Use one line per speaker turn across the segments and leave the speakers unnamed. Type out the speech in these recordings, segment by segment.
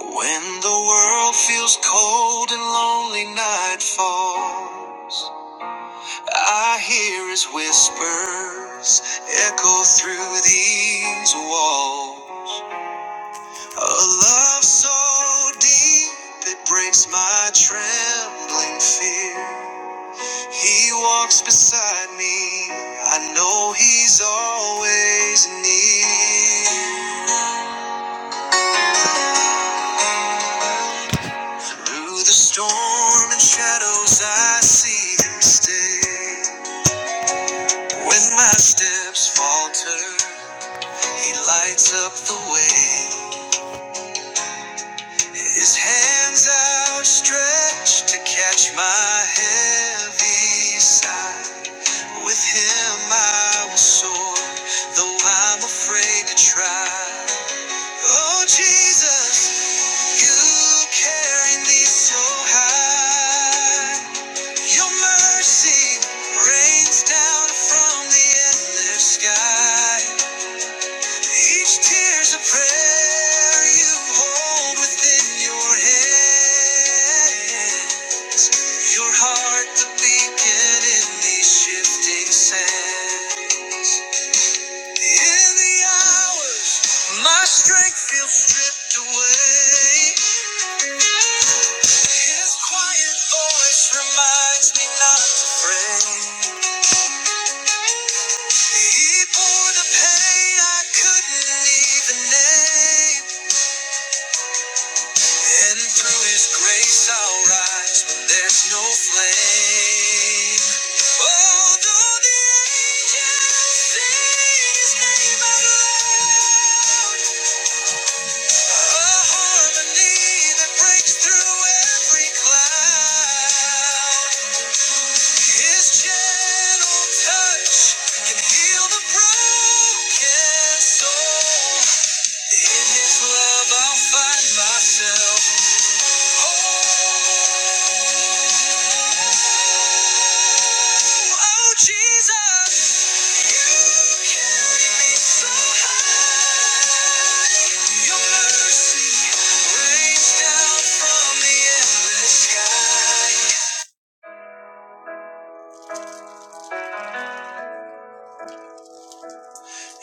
When the world feels cold and lonely night falls, I hear his whispers echo through these walls. A love so deep it breaks my trembling fear. He walks beside me, I know he's always near. Through the storm and shadows, I see him stay. When my steps falter, he lights up the way. His hands outstretched to catch my heavy side. With him I will soar, though I'm afraid to try. Oh, Jesus, you carry me so high. Your mercy rains down from the endless sky. Each tear's a prayer you hold within your hand. Your heart, the beacon in these shifting sands. In the hours, my strength feels stripped away. His quiet voice reminds me not to fret. He bore the pain I couldn't even name. And through his grace I'll rise when there's no flame. Although the angels sing his name out loud, a harmony that breaks through every cloud. His gentle touch can heal the broken soul. In His love, I'll find myself. Oh, oh, Jesus, You carry me so high. Your mercy rains down from the endless sky.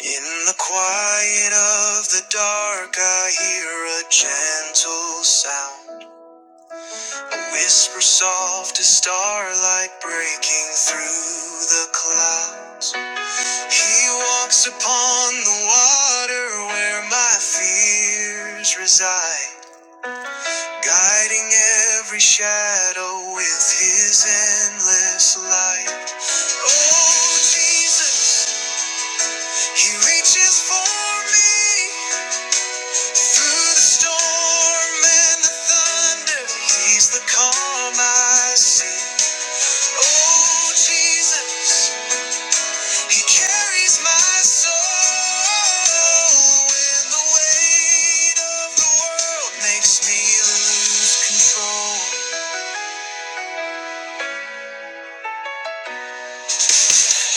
In the quiet of the dark, I hear a gentle sound. Whisper soft as starlight breaking through the clouds. He walks upon the water where my fears reside, guiding every shadow with his endless light. Oh, Jesus, he reaches for me through the storm and the thunder. He's the calm I see. Oh, Jesus, He carries my soul when the weight of the world makes me lose control.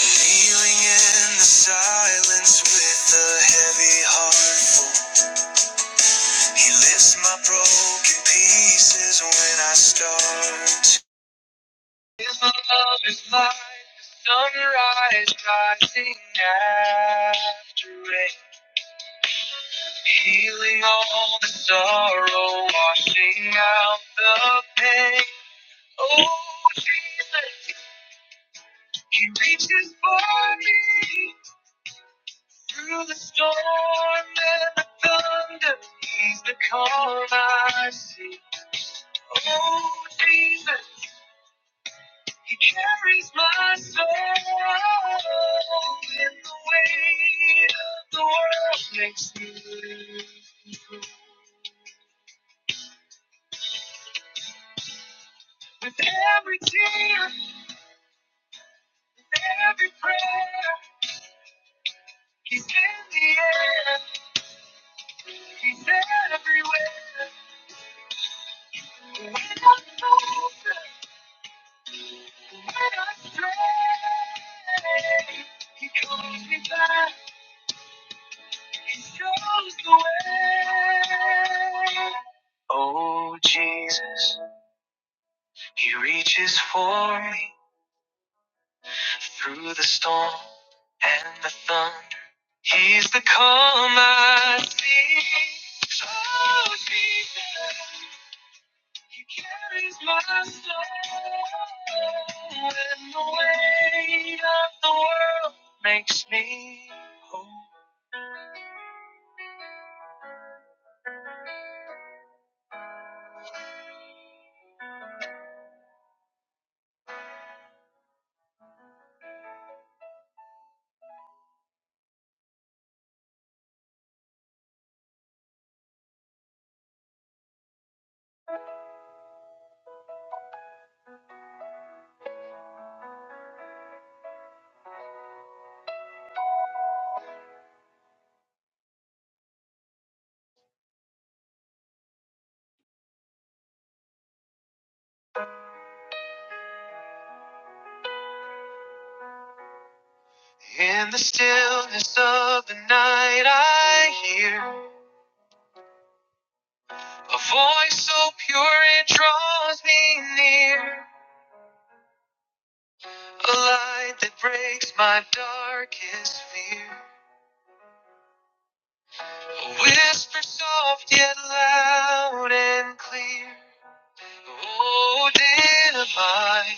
Kneeling in the silence with a heavy heart He lifts my broken pieces when I start to. love is like the sunrise rising after rain. Healing all the sorrow, washing out the pain. Oh, Jesus, He reaches for me through the storm and the thunder. He's the calm I see. Oh, Jesus, He carries my soul in the weight of the world makes me. With every tear. Every prayer, he's in the air, he's everywhere. When I falter, when I stray, he calls me back, he shows the way. Oh Jesus, he reaches for me through the storm and the thunder. He's the calm I see. Oh Jesus. He carries my soul and the weight of the world makes me whole. In the stillness of the night I hear a voice so pure it draws me near. A light that breaks my darkest fear. A whisper soft yet loud and clear. Oh, dear divine,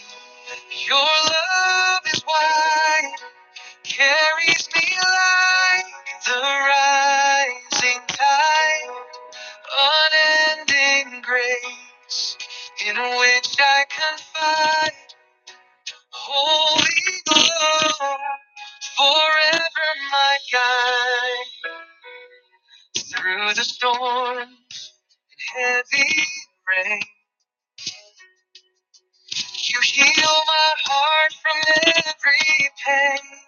Your love is wide, carries me like the rising tide, unending grace in which I confide. Holy love, forever my guide. Through the storm, heavy rain, you heal my heart from every pain.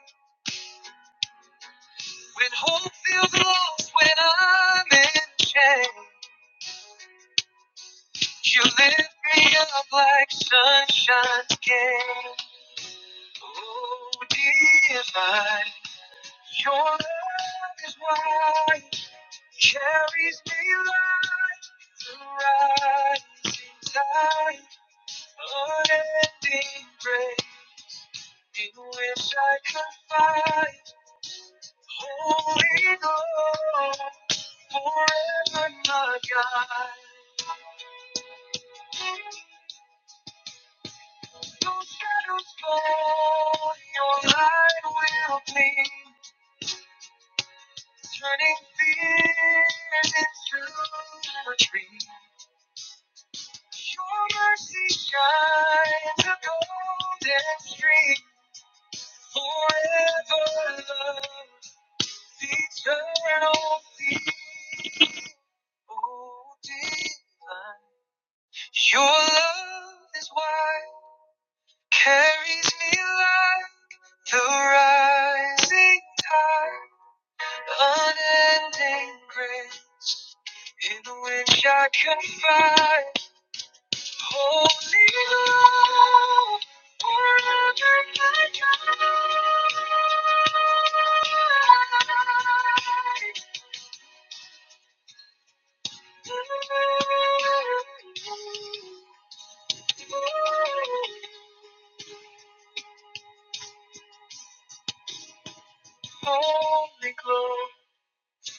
When hope feels lost, when I'm in chains, you lift me up like sunshine again. Oh, divine, your love is wide, carries me right through rising tide, unending grace in which I confide. Holy Ghost, forever my guide. No shadow's fall, your light will gleam, turning fear into retreat. Your mercy shines a golden stream, forever love, eternal peace. Oh, divine. Your love is wide, carries me like the rising tide, unending grace in which I confide. Holy love, forever my guide. Holy glory.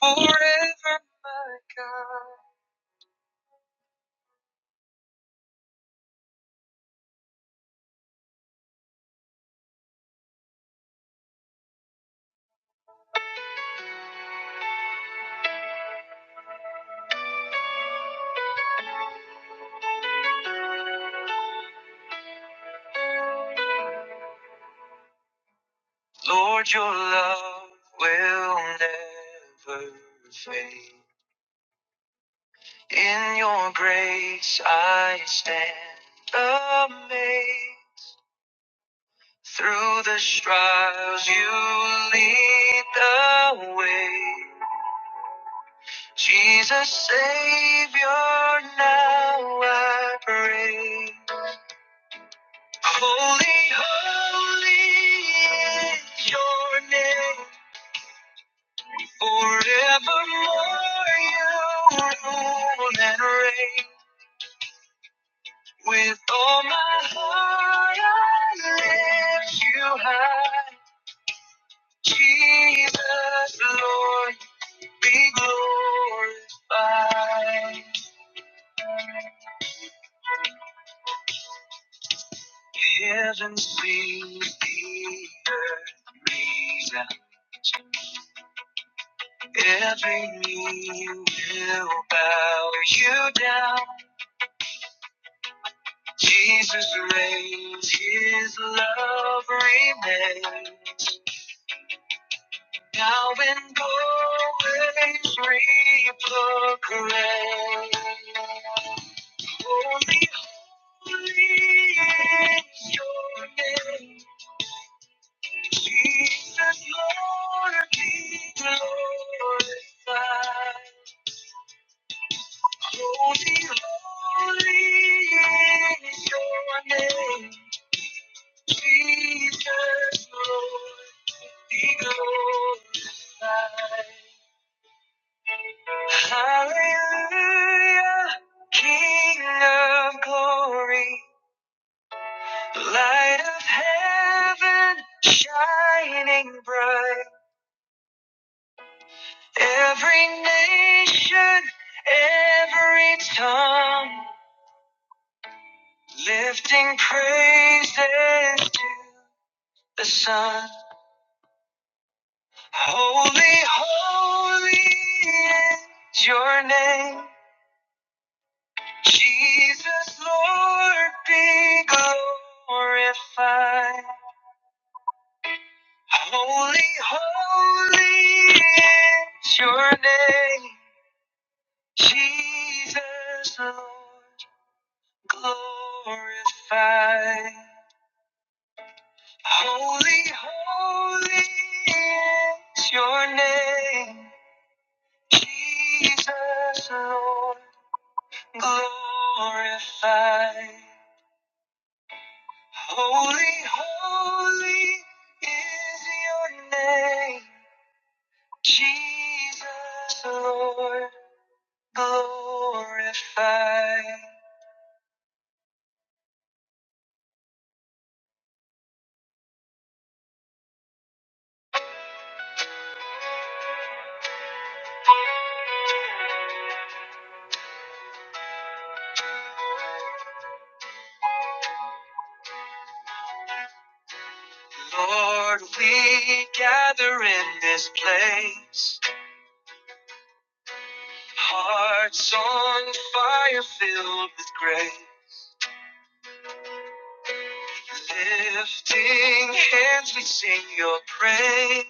forever, my God. Lord, your love will never fade. In your grace I stand amazed. Through the trials you lead the way. Jesus, Savior, now I pray. Holy, holy is your name. Forevermore you rule and reign. With all my heart I lift you high. Jesus, Lord, be glorified. Heaven sings, the earth cries out. Every knee will bow you down. Jesus reigns, his love remains. Now and always reap the grain. Holy, holy is your name. Jesus, Lord, be glorified. Holy, holy is your name. Jesus, Lord, be glorified. Hallelujah, King of glory, light of heaven, shining bright. Every nation, every tongue, lifting praises to the Son. Holy, holy is your name. Jesus, Lord, be glorified. Holy, holy is your name, Jesus Lord, glorified. Holy, holy is your name, Jesus Lord, glorified. Holy, holy is your name, Jesus Lord. glorified. Lord, we gather in this place, hearts on fire filled with grace. Lifting hands, we sing your praise.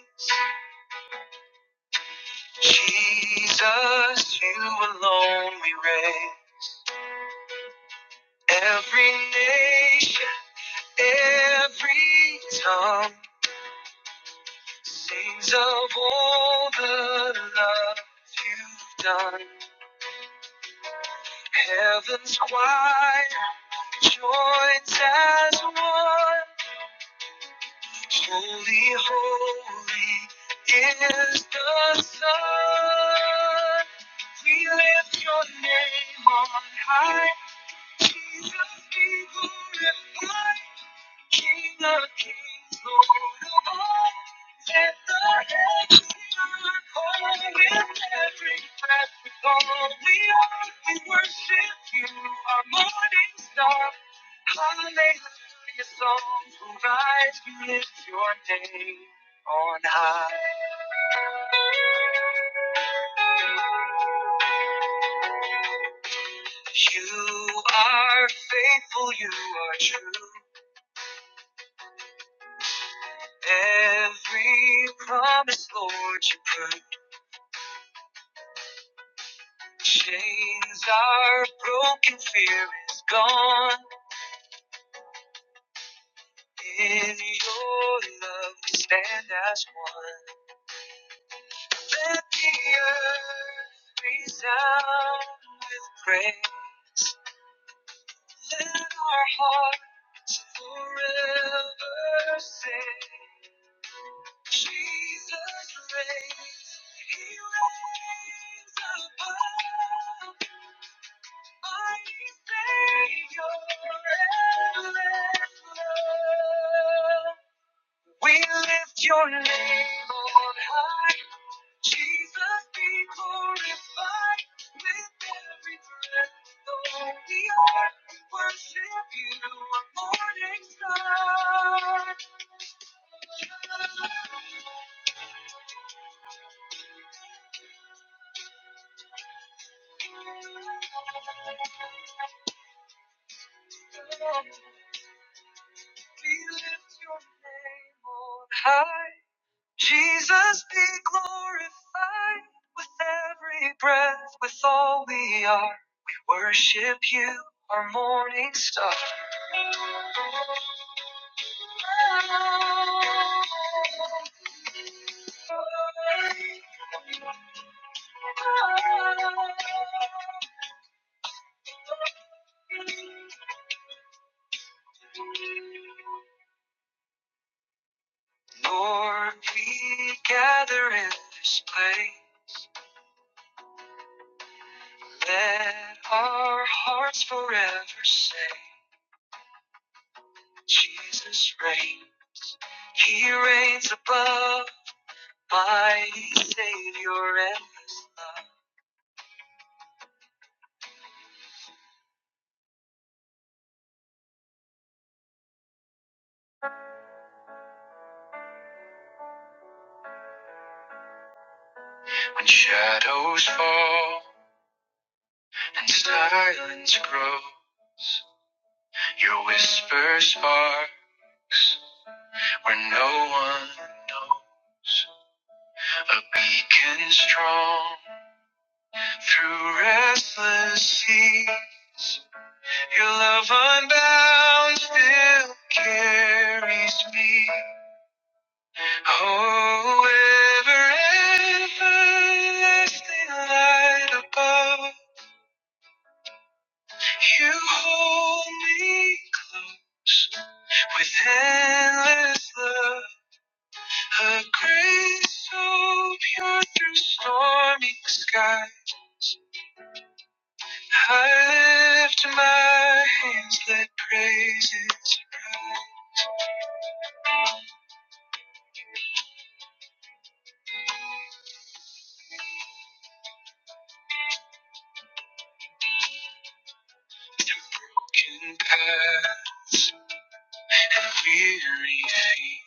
Jesus, you alone we reign. Every nation, every tongue sings of all the love you've done. Heaven's choir joins as one. Holy, holy is the Son. We lift your name on high. Jesus, be glorified. King of kings, Lord of lords, set the heavens on fire with every breath. With all we are, we worship you, our morning star. Hallelujah, songs will rise, we lift your name on high. You are faithful, you are true. Every promise, Lord, you prove. Chains are broken, fear is gone. In your love, we stand as one. Let the earth resound with praise. Let our hearts forever sing. Jesus reigns, He reigns above. We lift your name on high. Jesus be glorified with every breath. Though we are, worship you, our morning star. We lift your name on high. Jesus be glorified with every breath, with all we are. Worship you, our morning star. Lord, we gather in this place. Let our hearts forever say, Jesus reigns. He reigns above my Savior and love. When shadows fall and silence grows, your spark where no one's a beacon strong through restless sea. Your love unbound still carries me. Oh, ever, everlasting light above, you hold me close. With endless love, her grace so pure through stormy sky. I lift my hands, let praises rise. Through broken path and weary feet,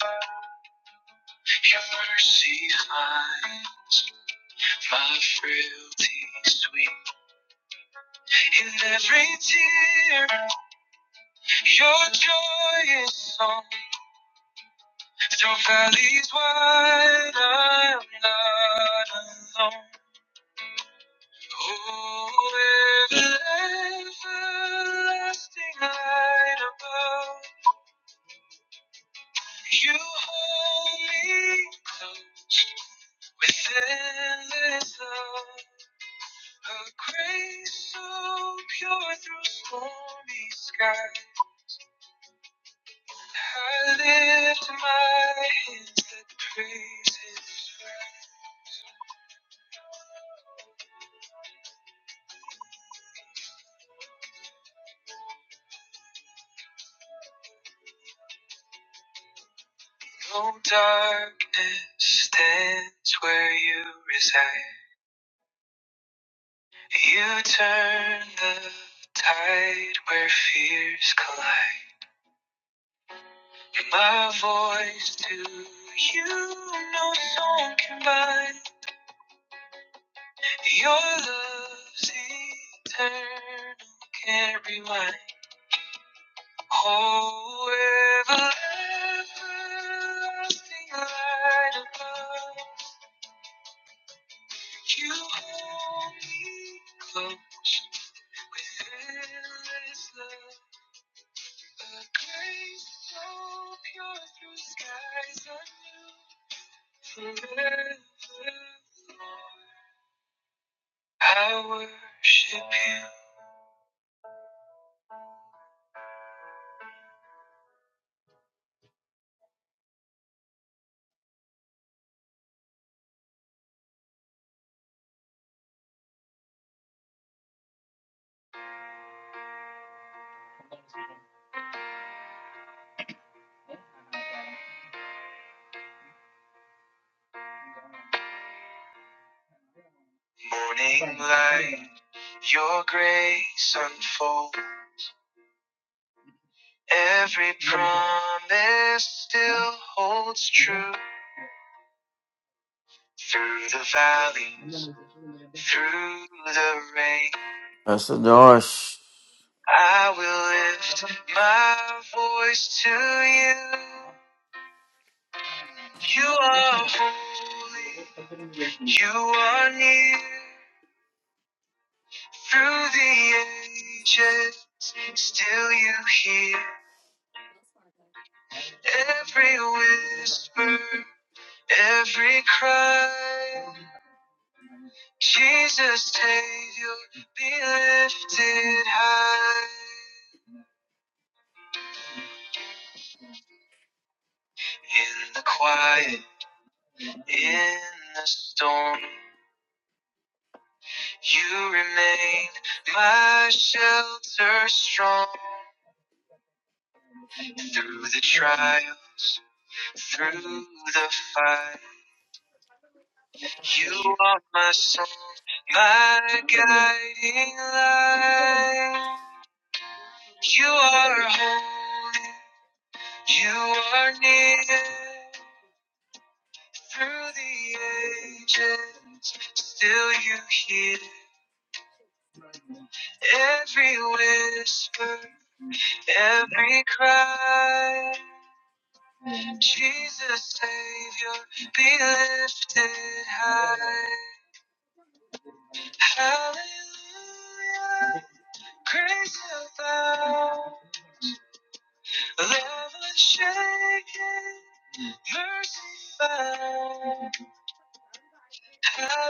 your mercy finds my frailty sweet. In every tear, your joy is song. Your valley's wide, I'm not alone. Oh, with an everlasting light above, you hold me close with endless love. A grace so pure through stormy skies, I lift my hands that praise His name. No darkness stands where you reside. You turn the tide where fears collide. My voice to you, no song can bind. Your love's eternal, can't rewind. Oh, everlasting light above, you hold me close. Fearless love, a grace so pure through skies unknown. Forever, I worship you. Morning light, your grace unfolds. Every promise still holds true. Through the valleys, through the rain.
So Josh,
I will lift my voice to you. You are holy. You are near. Through the ages, still you hear every whisper, every cry. Jesus, Savior, be lifted high. In the quiet, in the storm. You remain my shelter strong through the trials, through the fight. You are my song, my guiding light. You are holy, you are near. Through the ages, still you hear every whisper, every cry. Jesus, Savior, be lifted high. Hallelujah. Grace abound, love unshaken, mercy found. Hallelujah.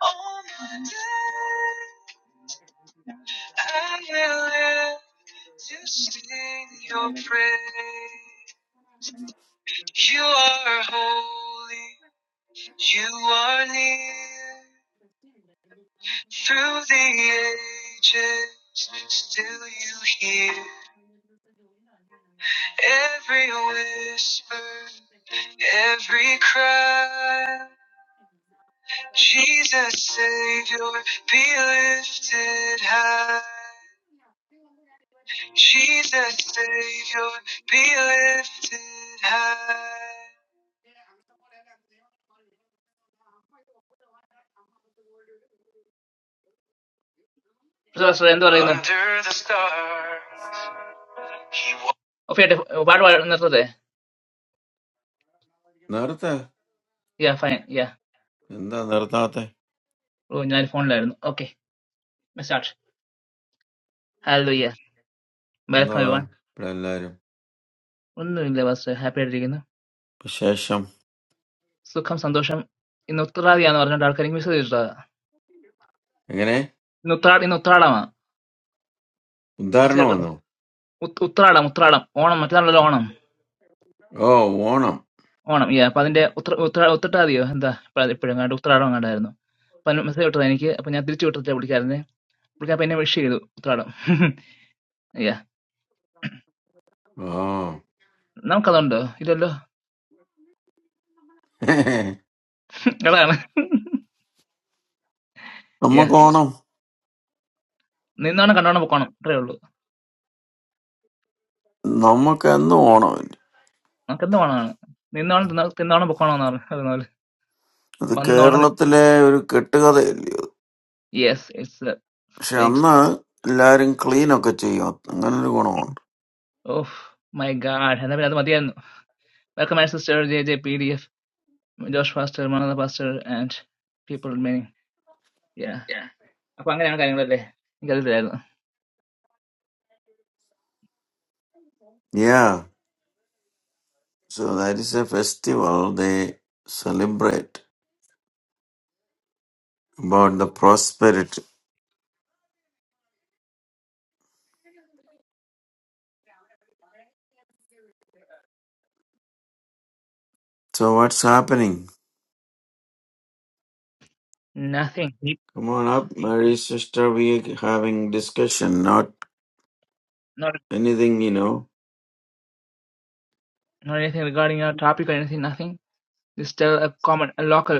On the day I will live to sing your praise. You are holy, you are near. Through the ages, still you hear every whisper, every cry. Jesus, Savior, be lifted high. Jesus, Savior, be lifted high. So, so Under the stars, he wa- ഓ, ഫിയാട്ടെ, ഓ, പാട്ട് പാടാ-
Nerdate?
Yeah, fine. Yeah.
When do Nerdate?
ഓ, ഞാൻ ഫോണിലായിരുന്നു. Okay, let's start. Hallelujah.
When
Welcome
do
everyone.
we play Liar?
When you live as a happy again,
Especially,
so calm, satisfied. In Uttara dayan, orna darkening we should do this.
when?
Uttara, in Uttaraama,
When?
I say Uttara,
When?
Uttara, Uttara. Onam, Mattalala Onam,
Oh, when?
Onam. Yeah, Parindiya Uttara, Uttara, Uttara dayo. That Paradiya Parangana, Uttara langana daerno. Then, I say Uttara nikhe. Then I did choose Uttara, I put it here. Put it up in every city. Uttara. Yeah.
Oh.
Nam Kalondo. Italo.
Hey.
Kalonam.
When am I
Yeah.
going?
Ninnu Anna Kalonam bokono. Threeolo.
When am I going to go?
I Kalonam Anna. Ninnu Anna, Ninnu Anna bokono Anna. Kalonam.
That
Ban Anna.
Kerala thalay, we are going to get together.
Yes, it's a
So,
fake.
when we are going to play Liar? Clean? What are you going to
Oh my God! And then Madhyan, welcome my sister J J P D F Josh Foster, Manada Foster, and people many. Yeah. അപ്പൊ അങ്ങനെയാണ് കാര്യങ്ങളല്ലേ എനിക്കറിയില്ലായിരുന്നു
do? Yeah. So that is a festival. They celebrate about the prosperity. So, what is happening?
nothing deep
Come on up, Mary sister. We're having discussion, not
not
anything, you know.
not anything regarding your topic or anything nothing just a, a common a local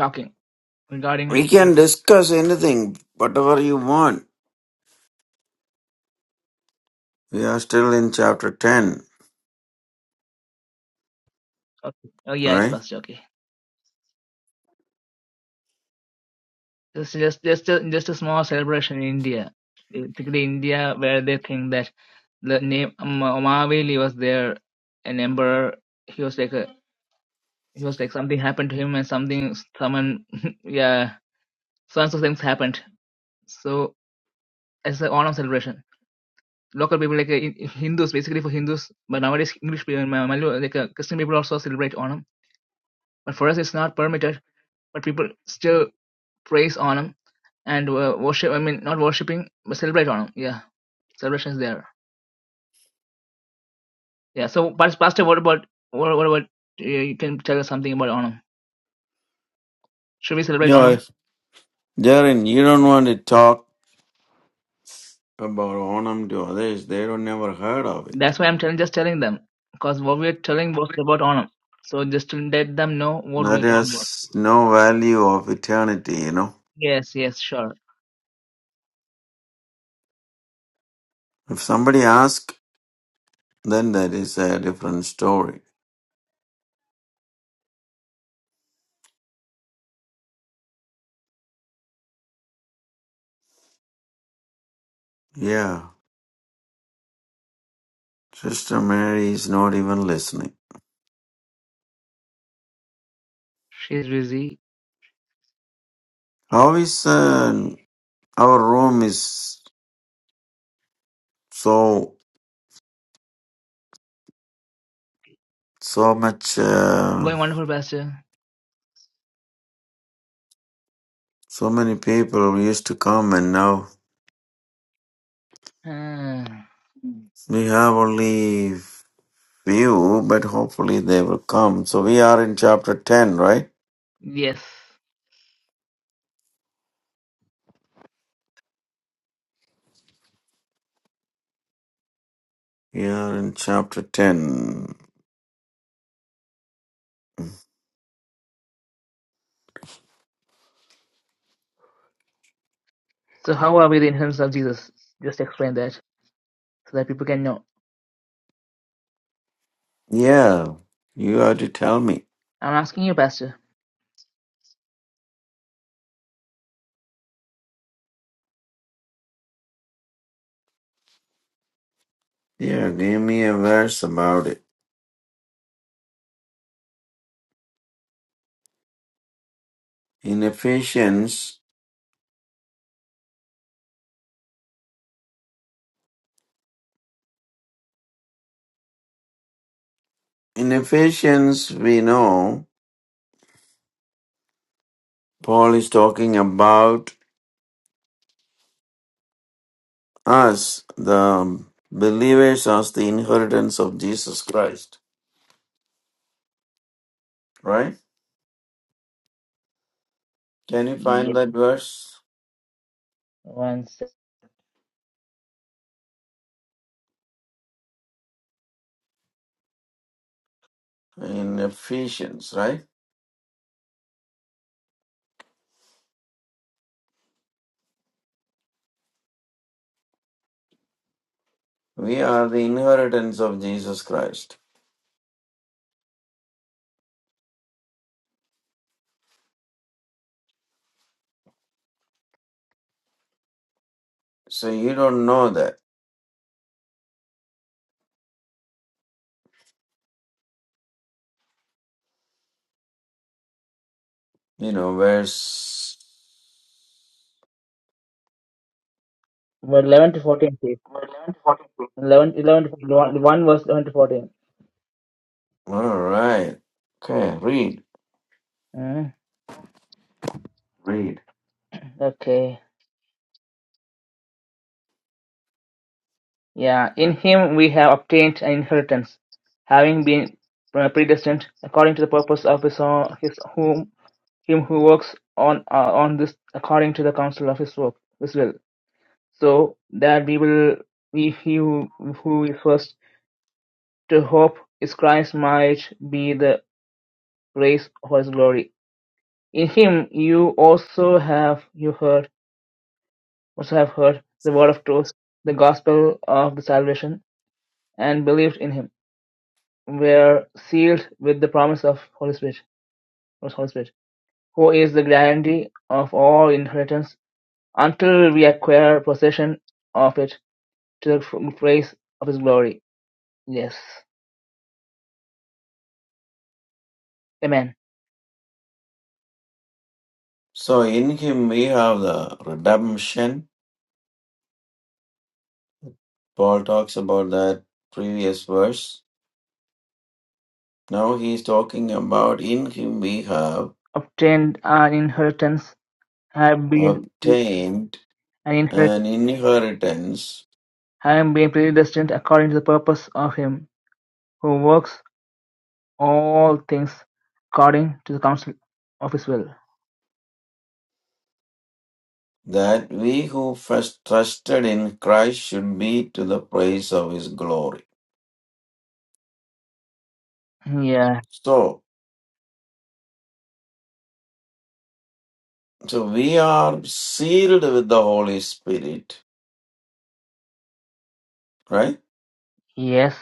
talking regarding
We
the
can discuss anything, whatever you want. We are still in chapter 10,
okay. oh yeah it's
right?
first okay just just just a, just a small celebration in India particularly India where they think that the name um, Omaveli was there, an emperor he was like a He was like something happened to him and something someone yeah so and so things happened. So it's an Onam celebration. Local people like uh, in- Hindus basically for Hindus, but nowadays English people Ma- Malayu like uh, Christian people also celebrate Onam. But for us it's not permitted. But people still praise Onam and uh, worship. I mean not worshiping but celebrate Onam. Yeah, celebration is there. Yeah. So Pas- Pastor, what about what, what about uh, you can tell us something about Onam? Should we celebrate Onam?
Yeah, Darren, you don't want to talk about Onam to others. They don't never heard of it.
That's why I'm telling, just telling them, because what we're telling was about Onam. So just to let them know what
That
we're talking about.
has no value of eternity, you know.
Yes, yes, sure.
If somebody asks, then that is a different story. Yeah, Sister Mary is not even listening.
She's busy.
How is uh, Our room is so so much. Uh,
Going wonderful, Pastor.
so many people used to come, and now
Ah,
we have only few. But hopefully they will come. So we are in chapter ten, right?
yes.
We are in chapter ten.
So how are we the influence of Jesus? Just explain that so that people can know.
Yeah, you have to tell me.
I'm asking you, Pastor.
Yeah, give me a verse about it. In Ephesians, in Ephesians, we know Paul is talking about us, the um, believers, as the inheritance of Jesus Christ, right? Can you find
Yeah.
that verse
One sec.
in Ephesians, right? We are the inheritance of Jesus Christ. So you don't know that, you know, verse.
Well, 11 to 14, please. 11, 11 to 14, one, one verse 11 to 14.
All right. Okay, read.
Mm,
Read.
okay. Yeah, in him we have obtained an inheritance, having been uh, predestined according to the purpose of his, own, his whom him who works on uh, on this according to the counsel of his work his will, so that we will we he who, who is first to hope is Christ might be the praise of his glory. In him you also have you heard also have heard the word of truth, the gospel of the salvation, and believed in him were sealed with the promise of Holy Spirit, promise Holy Spirit, who is the guarantee of all inheritance until we acquire possession of it to the praise of His glory. Yes. Amen.
So in him we have the redemption. Paul talks about that previous verse. Now he is talking about in him we have
Obtained an inheritance, have been an
obtained
inheritance,
an inheritance
having been predestined according to the purpose of Him who works all things according to the counsel of His will.
that we who first trusted in Christ should be to the praise of his glory.
Yeah.
So, so we are sealed with the Holy Spirit, right?
Yes.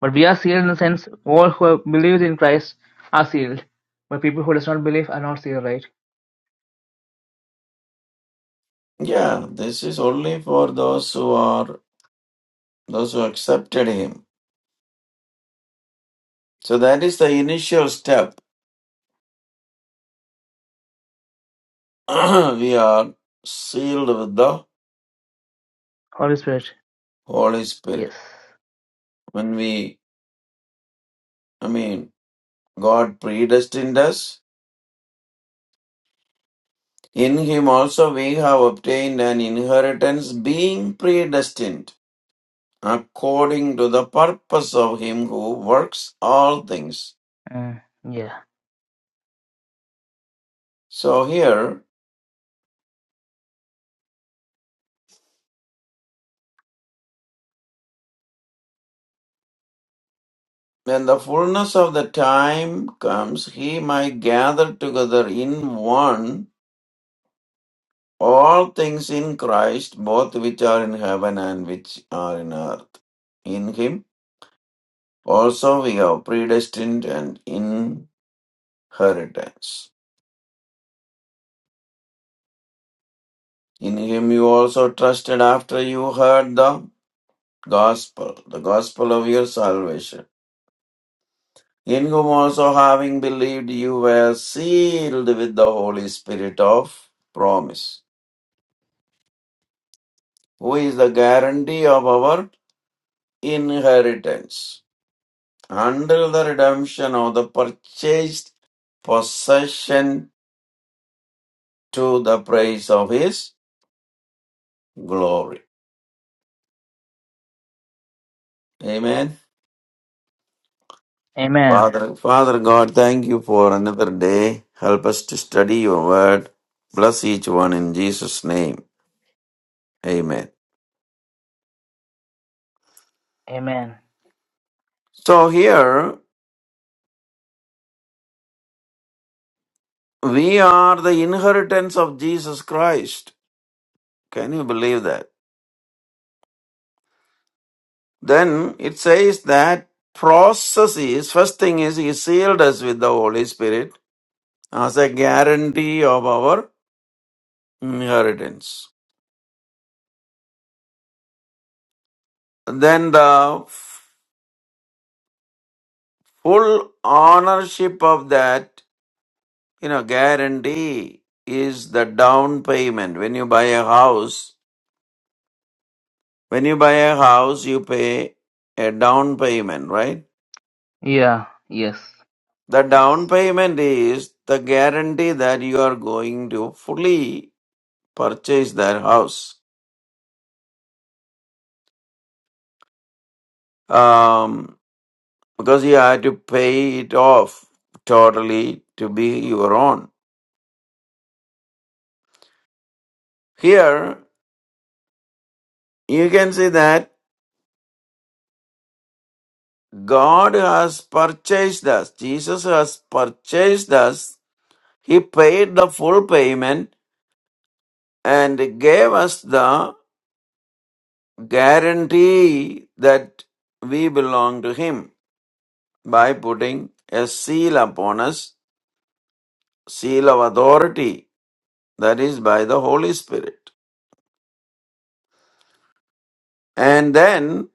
But we are sealed in the sense all who have believed in Christ are sealed. But people who does not believe are not sealed, right?
Yeah, this is only for those who are those who accepted him. So that is the initial step. we are sealed with the
Holy Spirit.
Holy
Yes.
Spirit. When we I mean God predestined us. In Him also we have obtained an inheritance, being predestined according to the purpose of Him who works all things.
Mm, yeah.
So here, when the fullness of the time comes, He might gather together in one all things in Christ, both which are in heaven and which are in earth. In Him also we have predestined an inheritance. In him you also trusted after you heard the gospel, the gospel of your salvation. In whom also having believed you were sealed with the Holy Spirit of promise, who is the guarantee of our inheritance until the redemption of the purchased possession to the praise of his glory. Amen.
Amen.
Father, Father God, thank you for another day. Help us to study your word. Bless each one in Jesus' name. Amen.
Amen.
So here we are the inheritance of Jesus Christ. Can you believe that? Then it says that process is first thing is he sealed us with the Holy Spirit as a guarantee of our inheritance. Then the full ownership of that You know, guarantee is the down payment. When you buy a house, when you buy a house, you pay a down payment, right?
Yeah. Yes.
The down payment is the guarantee that you are going to fully purchase that house. Um, because you have to pay it off totally to be your own. Here, you can see that God has purchased us. Jesus has purchased us He paid the full payment and gave us the guarantee that we belong to Him by putting a seal upon us, seal of authority, that is by the Holy Spirit. And then,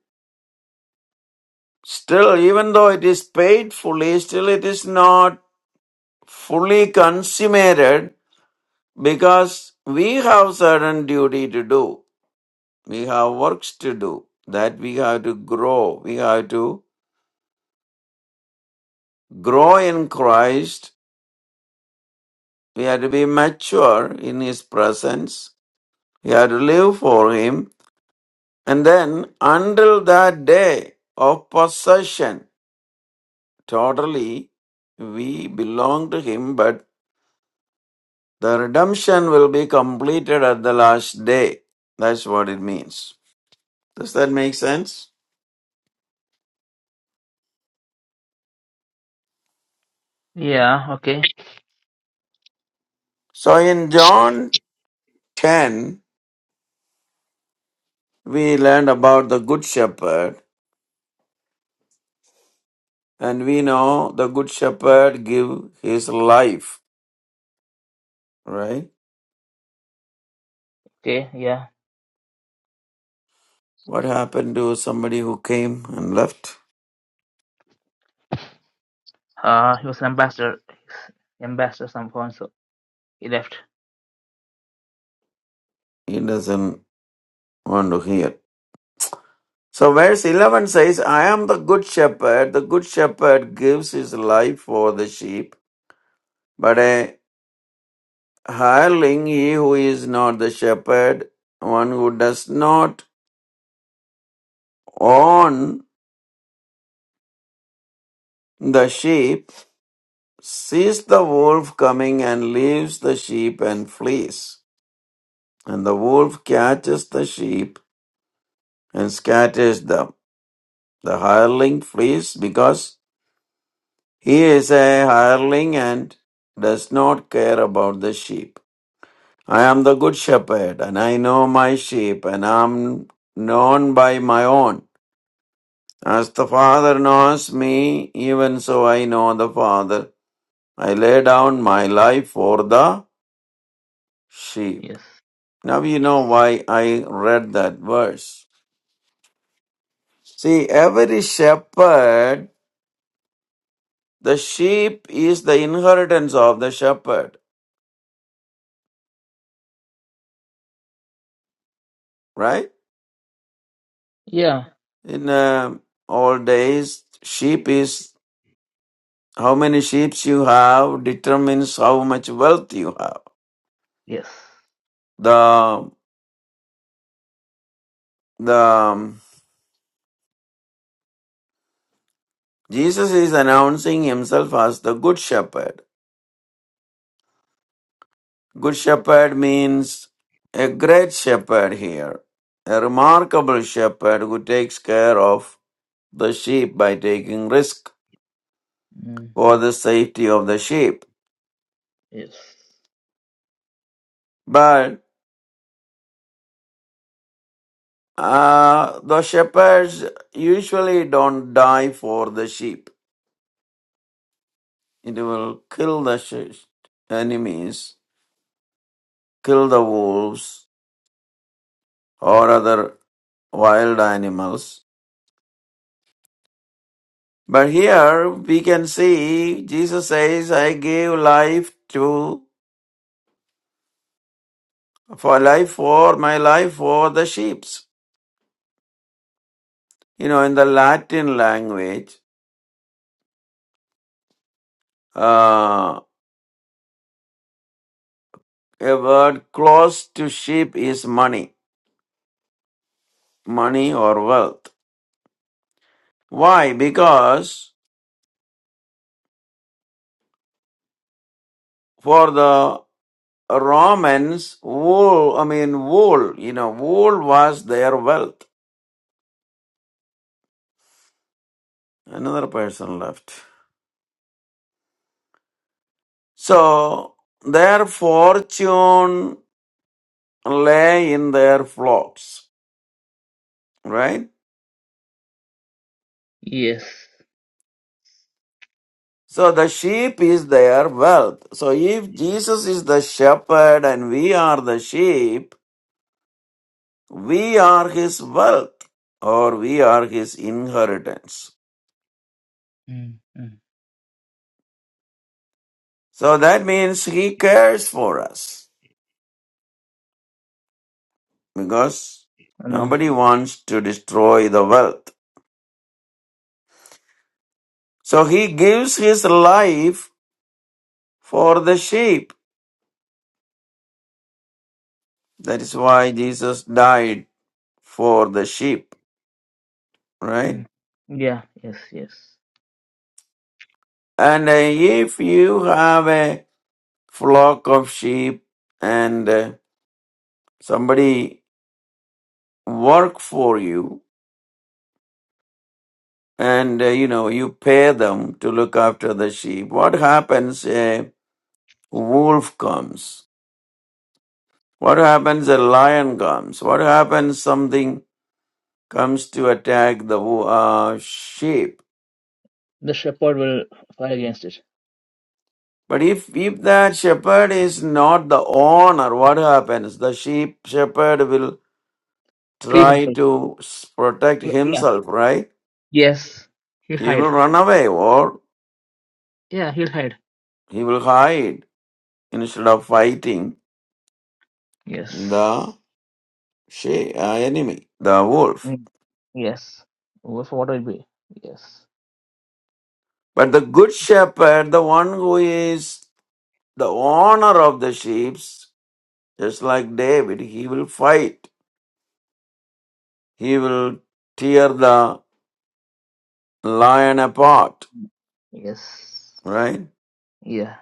still, even though it is paid fully, still it is not fully consummated because we have certain duty to do. We have works to do that we have to grow. We have to grow in Christ. We have to be mature in His presence. We have to live for Him. And then, until that day of possession, totally, we belong to Him, but the redemption will be completed at the last day. That's what it means. Does that make sense?
Yeah. Okay.
So, in John 10, we learned about the Good Shepherd, and we know the Good Shepherd give his life right?
Okay. Yeah.
What happened to somebody who came and left?
Uh, he was an ambassador. He's Ambassador some point, so he left.
He doesn't want to hear. So, verse 11 says, I am the good shepherd. The good shepherd gives his life for the sheep. But a hireling, he who is not the shepherd, one who does not own the sheep, sees the wolf coming and leaves the sheep and flees. And the wolf catches the sheep and scatters them. The hireling flees because he is a hireling and does not care about the sheep. I am the good shepherd, and I know my sheep, and I am known by my own. As the Father knows me, even so I know the Father. I lay down my life for the sheep.
Yes.
Now you know why I read that verse. See, every shepherd, the sheep is the inheritance of the shepherd, right?
Yeah.
In uh, old days, sheep is how many sheep you have determines how much wealth you have.
Yes.
The the um, Jesus is announcing himself as the good shepherd. Good shepherd means a great shepherd here, a remarkable shepherd who takes care of the sheep by taking risk
mm
for
mm.
the safety of the sheep.
Yes.
But uh, the shepherds usually don't die for the sheep It will kill the sh- enemies, kill the wolves or other wild animals. But here we can see Jesus says, I gave life to, for life for, my life for the sheeps. You know, in the Latin language, uh, a word close to sheep is money, money or wealth. Why? Because for the Romans, wool, I mean, wool, you know, wool was their wealth. Another person left. So their fortune lay in their flocks, right?
Yes.
So the sheep is their wealth. So if Jesus is the shepherd and we are the sheep, we are his wealth or we are his inheritance.
mm mm.
So that means he cares for us. because
Amen.
nobody wants to destroy the wealth. So he gives his life for the sheep. That is why Jesus died for the sheep, right?
mm Yeah. Yes. Yes.
And uh, if you have a flock of sheep and uh, somebody work for you and uh, you know you pay them to look after the sheep what happens a wolf comes what happens a lion comes what happens something comes to attack the uh, sheep.
The shepherd will fight against it.
But if, if that shepherd is not the owner, what happens? The sheep shepherd will
Free
try
himself.
to s- protect
L- Yeah.
himself, right?
Yes. He'll
He will
hide.
run away or
Yeah, he'll hide.
he will hide instead of fighting
Yes.
the she- uh, enemy, the wolf.
Mm. Yes. What what will be? Yes.
But the good shepherd, the one who is the owner of the sheep, just like David, he will fight. He will tear the lion apart,
Mm. Yes.
right?
Yeah.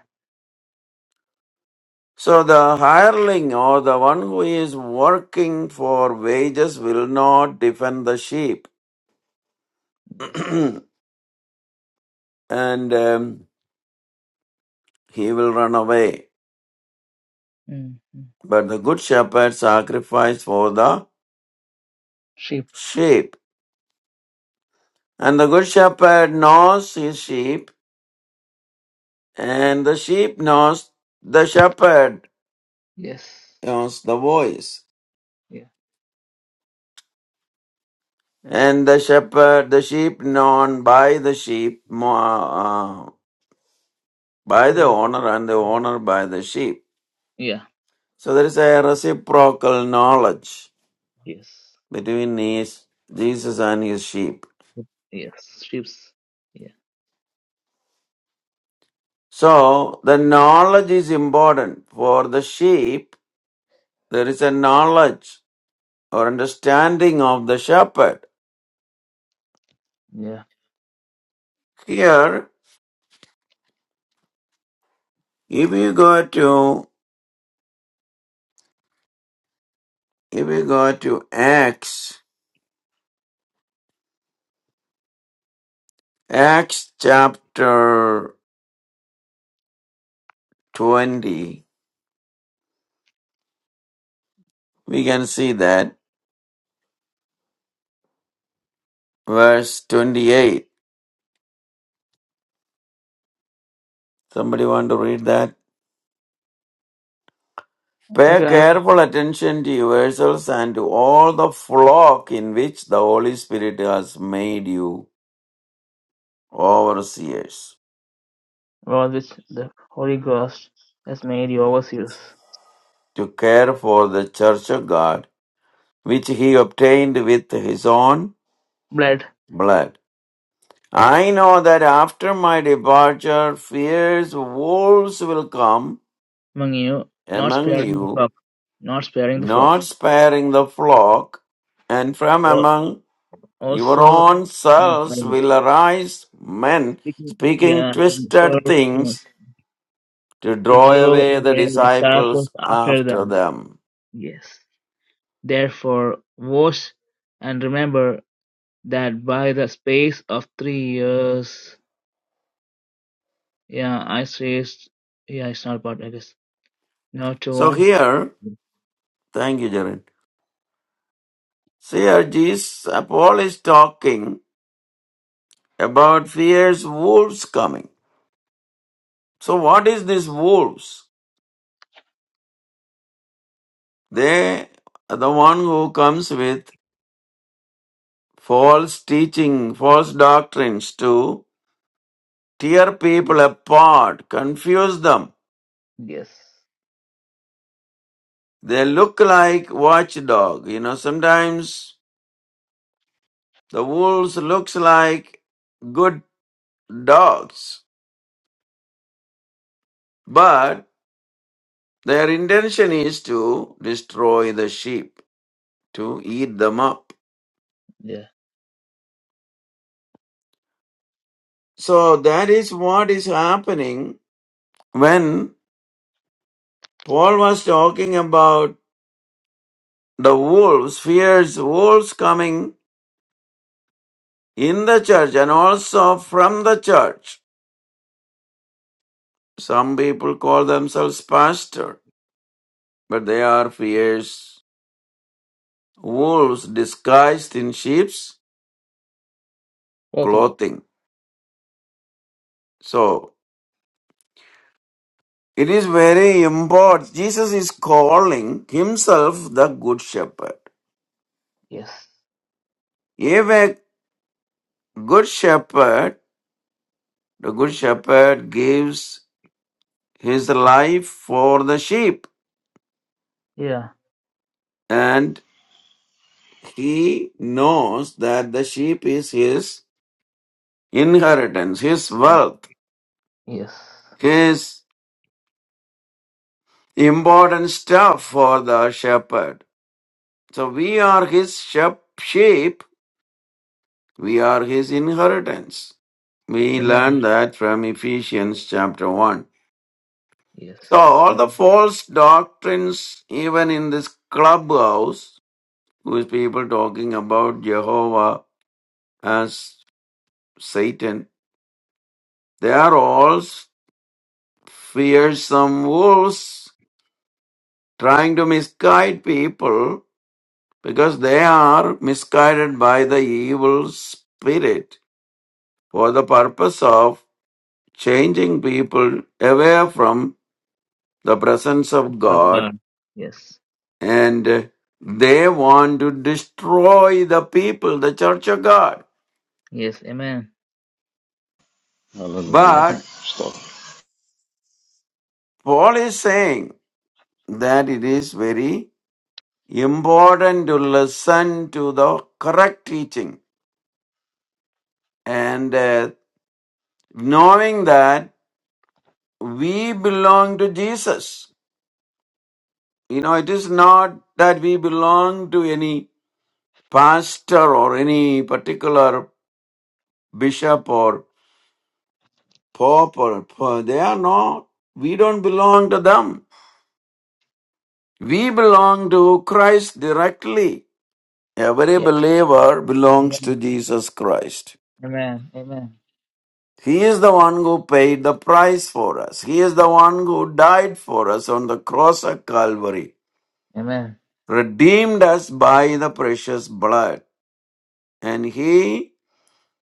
So the hireling or the one who is working for wages will not defend the sheep
Yes.
and um, he will run away.
mm mm.
But the good shepherd sacrificed for the
Sheep.
sheep. And the good shepherd knows his sheep and the sheep knows the shepherd
Yes.
knows the voice.
Yeah.
And the shepherd, the sheep known by the sheep uh, by the
No.
owner and the
Mm.
owner by the sheep.
Yeah.
So there is a reciprocal knowledge
Yes.
between his, Jesus and his sheep.
Yes. Sheeps. Yeah.
So the knowledge is important for the sheep. There is a knowledge or understanding of the shepherd.
Yeah.
Here, if you go to if you go to Acts, Acts chapter twenty, we can see that verse twenty-eight. Somebody want to read that? Pay
Okay. I
careful attention to yourselves and to all the flock in which the Holy Spirit has made you overseers,
well, which the Holy Ghost has made you overseers.
to care for the church of God, which he obtained with his own
Blood
blood. I know that after my departure, fierce wolves will come
among you, not
among
sparing the
you,
flock. Not sparing the flock.
not sparing the flock, and from among Your
also
own
in
selves
private,
will arise, men
speaking
speaking
yeah, to
twisted
person
things to
to
draw
draw
away the
away the
disciples
disciples after
after
them.
them.
Yes. Therefore, wash and remember that by the space of three years, yeah, I say, yeah, it's not part, I guess. Not to
So
one.
here, thank you, Jared. See here, Jesus, uh, Paul is talking about fierce wolves coming. So what is these wolves? They are the one who comes with false teaching, false doctrines to tear people apart, confuse them
Yes.
They look like watchdog. You know, sometimes the wolves looks like good dogs, but their intention is to destroy the sheep, to eat them up.
Yeah.
So that is what is happening when Paul was talking about the wolves, fierce wolves coming in the church and also from the church. Some people call themselves pastor, but they are fierce wolves disguised in sheep's
Clothing.
clothing. So it is very important. Jesus is calling himself the good shepherd.
Yes.
If a good shepherd, the good shepherd gives his life for the sheep
Yeah.
and he knows that the sheep is his inheritance, his wealth,
Yes.
his important stuff for the shepherd. So we are his shep- sheep We are his inheritance. We
Amen.
learn that from Ephesians chapter 1.
Yes.
So, all the
Amen.
false doctrines, even in this clubhouse, with people talking about Jehovah as Satan, they are all fearsome wolves trying to misguide people because they are misguided by the evil spirit for the purpose of changing people away from the presence of
Love
God,
God. Yes.
and they want to destroy the people, the church of God.
Yes. Amen. It's
Hallelujah.
happening.
But
Stop.
Paul is saying that it is very important to listen to the correct teaching and uh, knowing that we belong to Jesus. You know, it is not that we belong to any pastor or any particular bishop or. pauper, poor. They are not. We don't belong to them. We belong to Christ directly. Every believer belongs to
Amen.
Jesus Christ.
Amen. Amen.
He is the one who paid the price for us. He is the one who died for us on the cross at Calvary,
Amen.
redeemed us by the precious blood. And He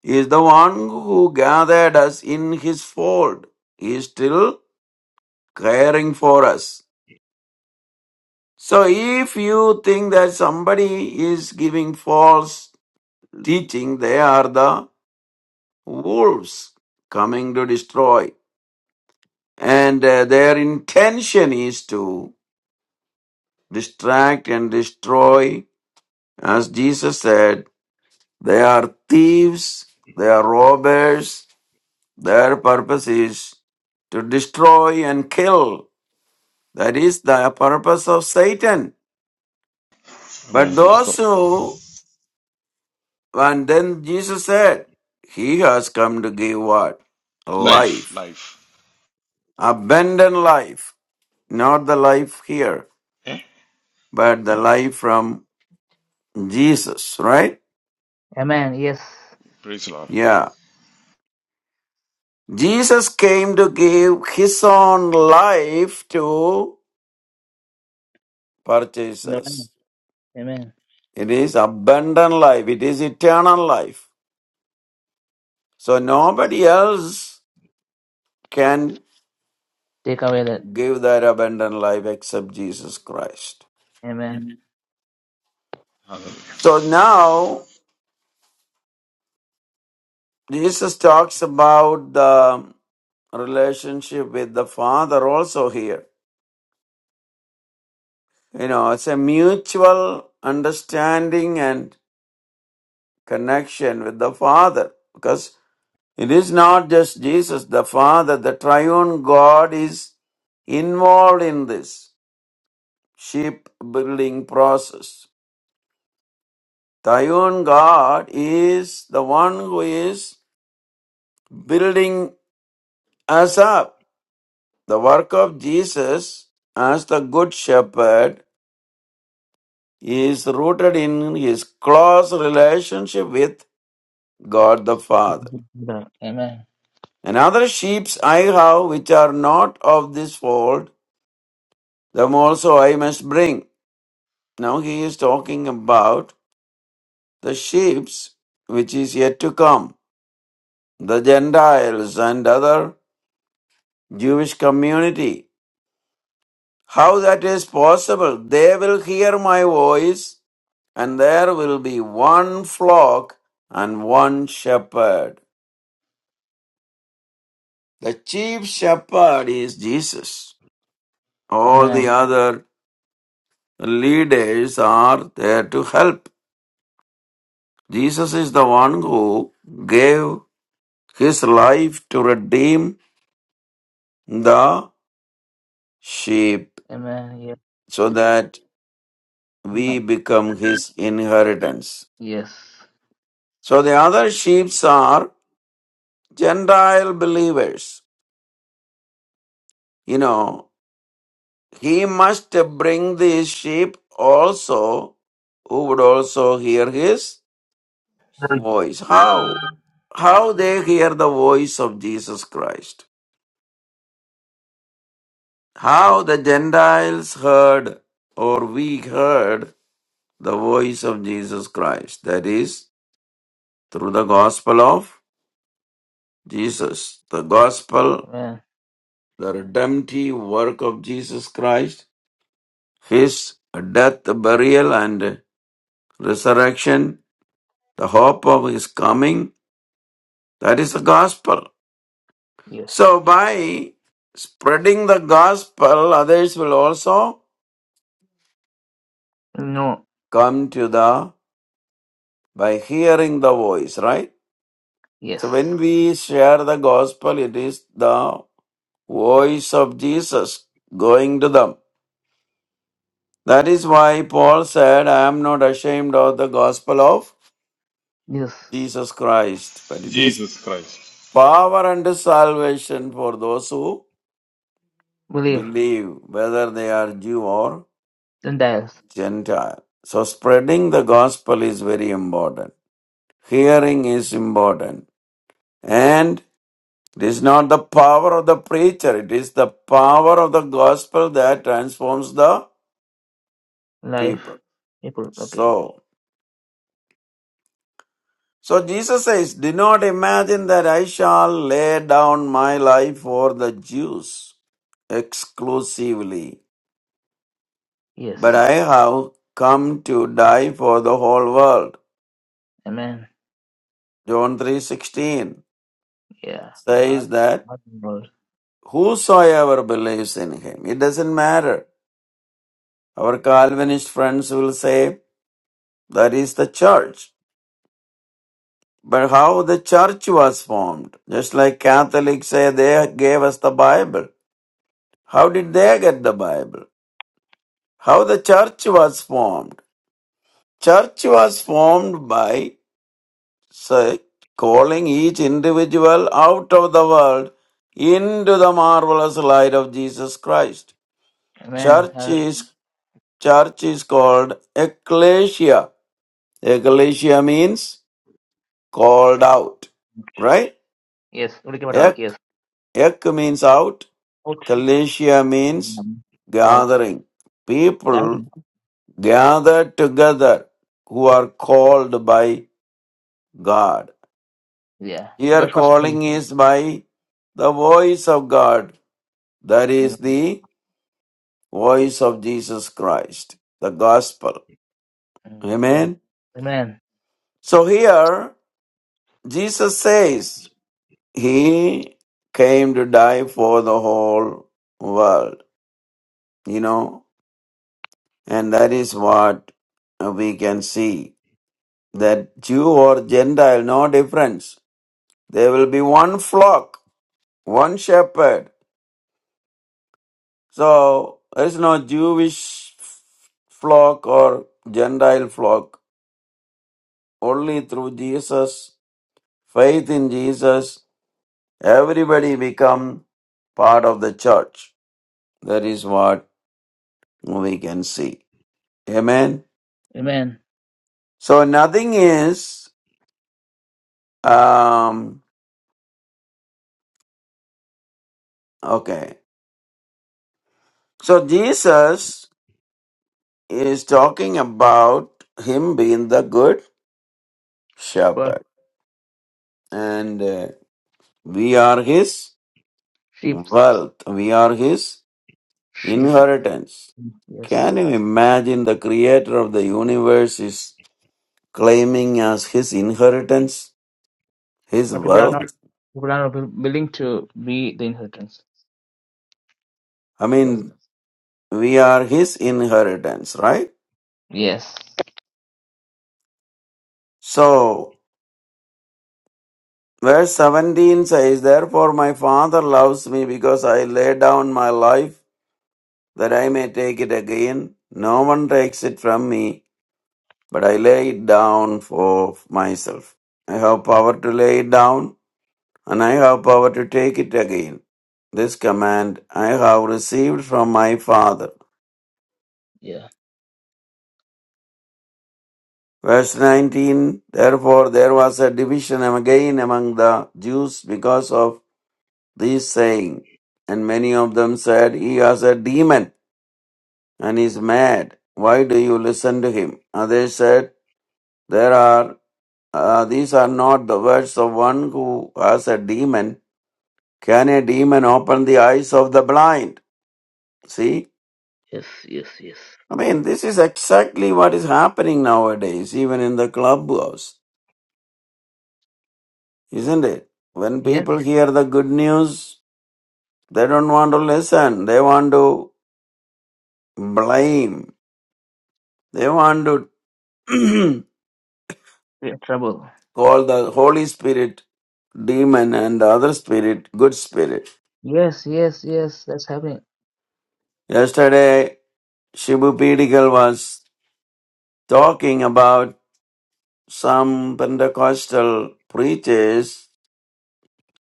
is the one who gathered us in His fold. He is still caring for us. So if you think that somebody is giving false teaching, they are the wolves coming to destroy. And uh, their intention is to distract and destroy. As Jesus said, they are thieves, they are robbers. Their purpose is to destroy and kill. That is the purpose of Satan. But
Amen.
Yes. those
Stop.
who And then Jesus said, He has come to give what?
Life.
Life.
Life.
Abundant life. Not the life here,
Eh?
but the life from Jesus, right?
Amen. Yes.
Praise the Lord.
Yeah. Jesus came to give his own life to purchase
Amen.
us.
Amen.
It is abundant life. It is eternal life. So
Yes.
nobody else can
Take away that.
give that abundant life except Jesus Christ.
Amen.
Hallelujah.
So now Jesus talks about the relationship with the Father also here. You know, it's a mutual understanding and connection with the Father because it is not just Jesus, the Father, the triune God is involved in this ship building process. Triune God is the one who is building us up The work of Jesus as the Good Shepherd is rooted in his close relationship with God the Father.
Amen.
And other sheep I have which are not of this fold, them also I must bring. Now he is talking about the sheep which is yet to come, the Gentiles and other Jewish community How that is possible? They will hear my voice, and there will be one flock and one shepherd. The chief shepherd is Jesus. All
Amen.
the other leaders are there to help. Jesus is the one who gave his life to redeem the sheep
Amen. Yes.
so that we
No.
become his inheritance.
Yes.
So the other sheep are Gentile believers. You know, he must bring these sheep also who would also hear his voice. How? How they hear the voice of Jesus Christ. How the Gentiles heard or we heard the voice of Jesus Christ. That is through the gospel of Jesus. The gospel,
Amen.
the redemptive work of Jesus Christ, his death, burial, and resurrection, the hope of his coming. That is the gospel.
Yes.
So by spreading the gospel, others will also
No.
come to the, by hearing the voice, right? So
Yes.
when we share the gospel, it is the voice of Jesus going to them. That is why Paul said, I am not ashamed of the gospel of
Yes.
Jesus Christ, but it is
Jesus Christ.
power and salvation for those who
Believe.
believe, whether they are Jew or
Then dies.
Gentile. So, spreading the gospel is very important. Hearing is important. And it is not the power of the preacher, it is the power of the gospel that transforms the
Life.
people.
people. Okay.
So, so Jesus says, Do not imagine that I shall lay down my life for the Jews exclusively,
Yes.
but I have come to die for the whole world.
Amen.
John 3:16
Yeah. Allah.
says that
Allah. Allah.
whosoever believes in him it doesn't matter our calvinist friends will say that is the church but how the church was formed just like catholics say they gave us the bible how did they get the bible how the church was formed church was formed by say, calling each individual out of the world into the marvelous light of Jesus Christ
Amen.
Church
Hallelujah.
is church is called ecclesia. Ecclesia means called out, right?
Yes.
Ek,
Yes.
ek means out.
Out.
Ecclesia means
Called.
gathering. People
Garden.
gathered together who are called by God.
Yeah.
Here
Joshua.
calling is by the voice of God. That is
Amen.
the voice of Jesus Christ, the gospel.
Amen.
Amen.
Amen.
So here Jesus says he came to die for the whole world, you know, and that is what we can see that Jew or Gentile, no difference. There will be one flock, one shepherd. So there is no Jewish flock or Gentile flock. Only through Jesus, faith in Jesus, everybody become part of the church. That is what we can see. Amen.
Amen.
So nothing is um okay. So Jesus is talking about him being the good
Shepherd,
shepherd and uh, we are his
sheep,
wealth. We are his
sheep.
inheritance.
Yes.
Can you imagine the creator of the universe is claiming as his inheritance, his
But people are not
wealth?
people are not willing to be the inheritance.
I
Because
mean, we are his inheritance, right?
yes.
So Verse 17 says, Therefore my Father loves me because I lay down my life that I may take it again. No one takes it from me, but I lay it down for myself. I have power to lay it down and I have power to take it again. This command I have received from my Father.
Yeah.
Verse 19 Therefore there was a division again among the Jews because of this saying, and many of them said, He has a demon and is mad. Why do you listen to him? Others said, There are uh, these are not the words of one who has a demon. Can a demon open the eyes of the blind? See?
Yes. Yes. Yes.
I mean, this is exactly what is happening nowadays, even in the clubhouse, isn't it? When
Yes.
people hear the good news, they don't want to listen. They want to blame. They want to
We are in trouble.
called the Holy Spirit demon and the other spirit good spirit.
Yes. Yes. Yes. That's happening.
Yesterday, Shibu Pedigal was talking about some Pentecostal preachers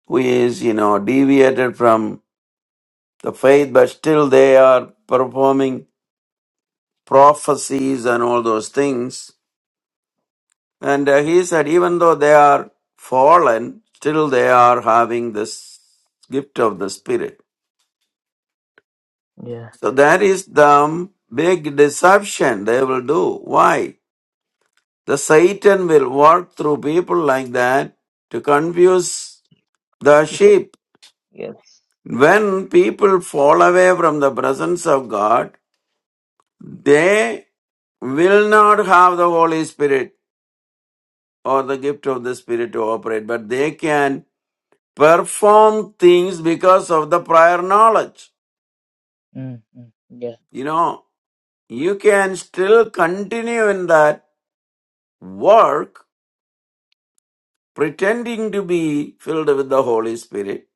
who is, you know, deviated from the faith, but still they are performing prophecies and all those things. And uh, he said, even though they are fallen, still they are having this gift of the Spirit.
Yeah.
So that is the big deception they will do. Why? The Satan will walk through people like that to confuse the
People.
sheep.
Yes.
When people fall away from the presence of God, they will not have the Holy Spirit or the gift of the Spirit to operate, but they can perform things because of the prior knowledge.
mm mm. Yeah.
You know, you can still continue in that work pretending to be filled with the Holy Spirit.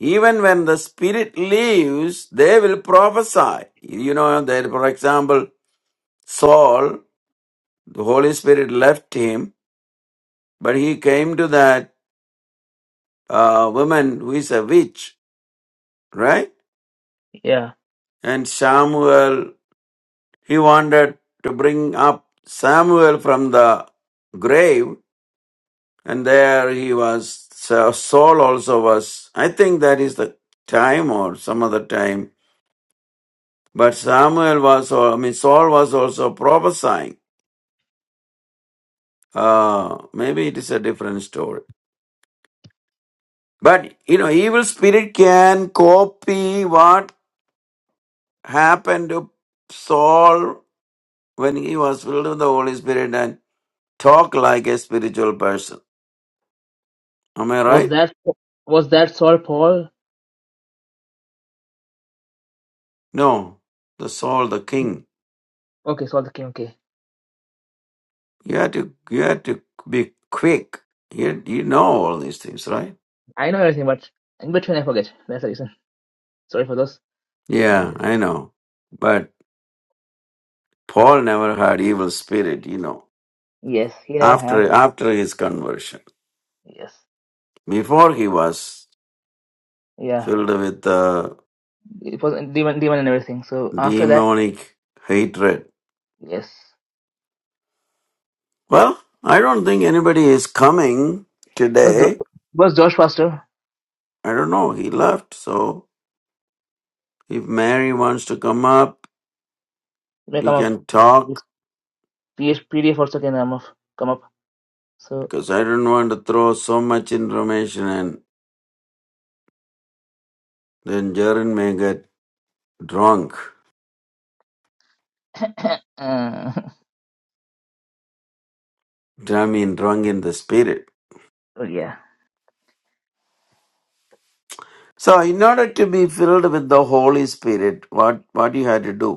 Even when the Spirit leaves, they will prophesy. You know, that for example, Saul, the Holy Spirit left him, but he came to that uh, woman who is a witch, right?
Yeah.
And Samuel, he wanted to bring up Samuel from the grave, and there he was. So Saul also was. I think that is the time or some other time But Samuel was, I mean, Saul was also prophesying. Uh, maybe it is a different story. But, you know, evil spirit can copy what happened to Saul when he was filled with the Holy Spirit and talk like a spiritual person. Am I
Was
right?
that was that Saul Paul?
No. The Saul, the king.
Okay, Saul the King. Okay.
You had to, you had to be quick. You, you know all these things, right?
I know everything, but in between I forget. That's the reason. Sorry for those. And
Yeah, I know. But Paul never had evil spirit, you know.
yes, he never had.
after after his conversion.
Yes.
Before he was
Yeah.
filled with uh,
It was demon, demon and everything. So after that,
demonic hatred.
yes.
Well, I don't think anybody is coming
Was Josh,
today.
was Josh Foster?
I don't know. He left, so if Mary wants to come up,
It may
we
come up.
can
Yes.
talk
PH, PDF also can come up. Come up. So,
because I don't want to throw so much information and then Jaren may get drunk.
uh, well,
I mean, drunk in the spirit.
yeah.
So, in order to be filled with the Holy Spirit, what what you had to do?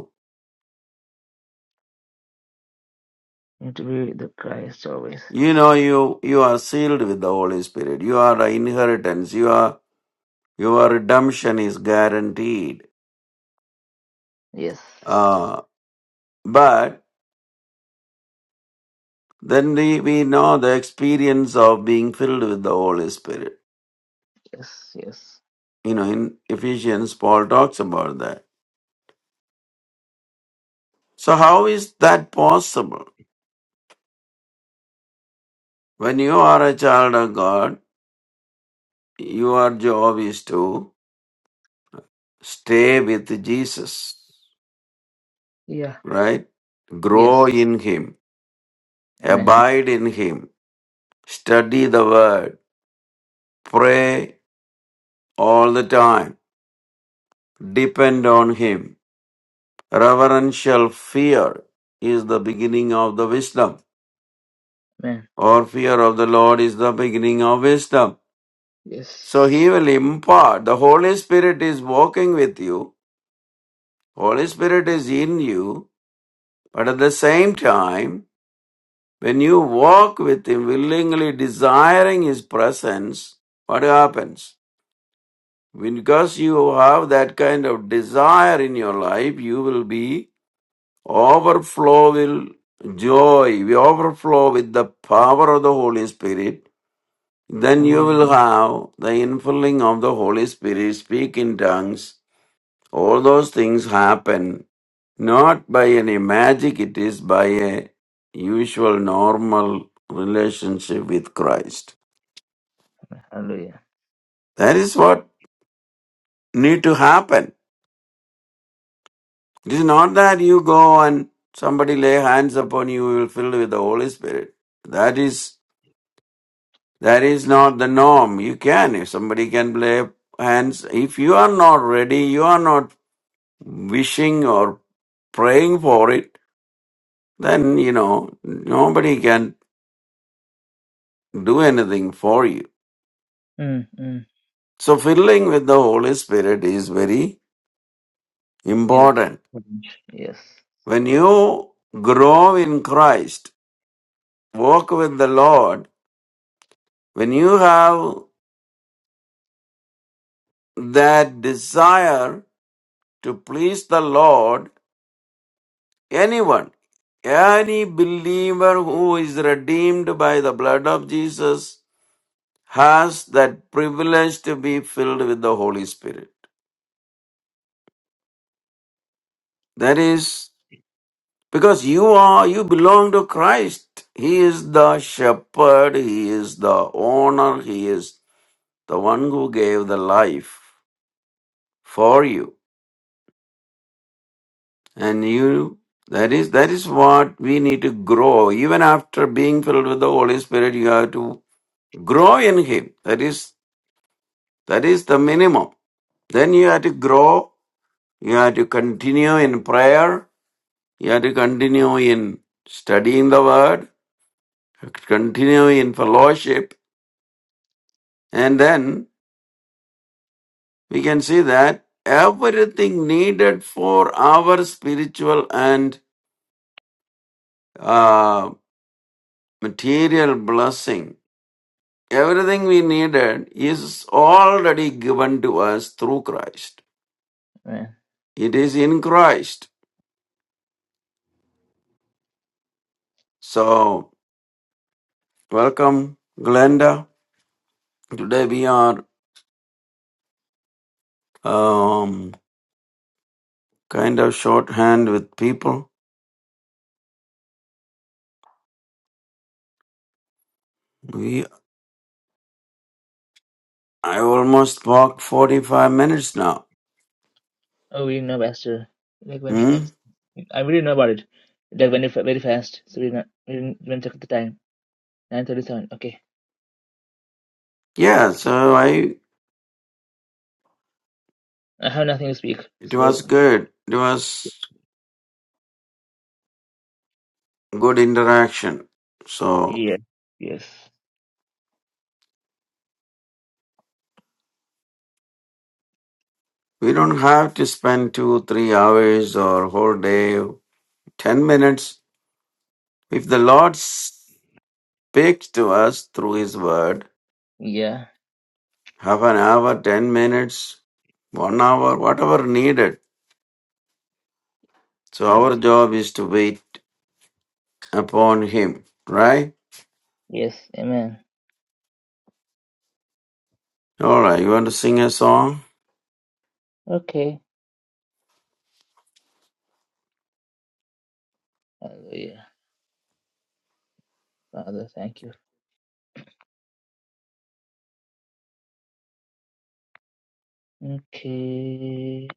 You have to be the Christ always.
You know, you you are sealed with the Holy Spirit. You are the inheritance. You are your redemption is guaranteed.
Yes.
Uh, but then we, we know the experience of being filled with the Holy Spirit.
Yes. Yes.
You know, in Ephesians, Paul talks about that. So how is that possible? When you are a child of God, your job is to stay with Jesus,
Yeah.
right? Grow
Yes.
in Him,
Amen.
abide in Him Study the Word. Pray all the time. Depend on Him. Reverential fear is the beginning of the wisdom,
Amen.
or fear of the Lord is the beginning of wisdom.
Yes.
So He will impart. The Holy Spirit is walking with you, Holy Spirit is in you, but at the same time, when you walk with Him, willingly desiring His presence, what happens? Because you have that kind of desire in your life, you will be overflow will joy, we overflow with the power of the Holy Spirit. Then you
Amen.
will have the infilling of the Holy Spirit, speak in tongues. All those things happen not by any magic, it is by a usual normal relationship with Christ.
Hallelujah.
That is what need to happen. It is not that you go and somebody lay hands upon you, you will fill with the Holy Spirit. That is that is not the norm. You can if somebody can lay hands. If you are not ready, you are not wishing or praying for it, then you know nobody can do anything for you.
Mm, mm.
So filling with the Holy Spirit is very
Need
important.
Yes.
When you grow in Christ, walk with the Lord, when you have that desire to please the Lord, anyone, any believer who is redeemed by the blood of Jesus has that privilege to be filled with the Holy Spirit. That is because you are, you belong to Christ. He is the shepherd, He is the owner, He is the one who gave the life for you. And you, that is, that is what we need to grow. Even after being filled with the Holy Spirit, you have to grow in Him. That is, that is the minimum. Then you have to grow. You have to continue in prayer. You have to continue in studying the Word. Continue in fellowship. And then we can see that everything needed for our spiritual and uh, material blessing Everything we needed is already given to us through Christ.
Amen.
It is in Christ. So, welcome, Glenda. Today we are um, kind of shorthand with people. We I almost walked 45 minutes now.
Oh, we know, Pastor. Like when
Hmm?
I we didn't know about it. It Like went very fast, so we didn't we didn't even check the time. Nine thirty-seven. Okay,
Yeah, so I
I have nothing to speak.
it
So
was good. It was good interaction. So
yeah, yes,
we don't have to spend two, three hours or whole day, ten minutes If the Lord speaks to us through His Word,
yeah,
half an hour, ten minutes, one hour, whatever needed. So
yes,
our job is to wait upon Him, right?
yes. Amen.
All right, you want to sing a song?
Okay. Hallelujah. Father, thank you. Okay.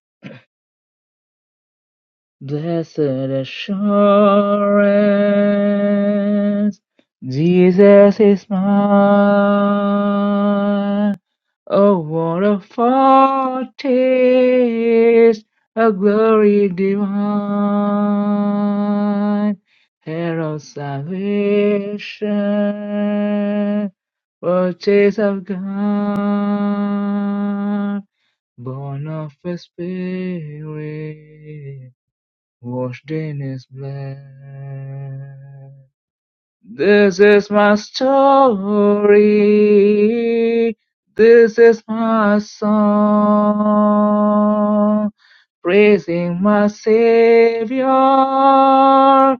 Blessed assurance, Jesus is mine. Oh, what a foretaste of glory divine, herald salvation, foretaste of God, born of His Spirit, washed in His blood. This is my story. This is my song. Praising my Savior all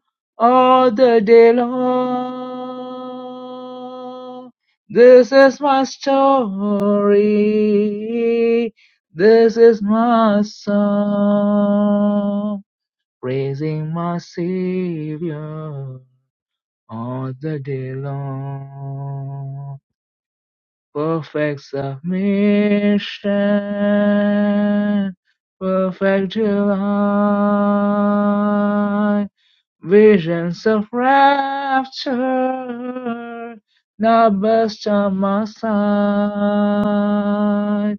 the day long. This is my story. This is my song. Praising my Savior all the day long. Perfect submission, perfect delight, visions of rapture, now burst on my sight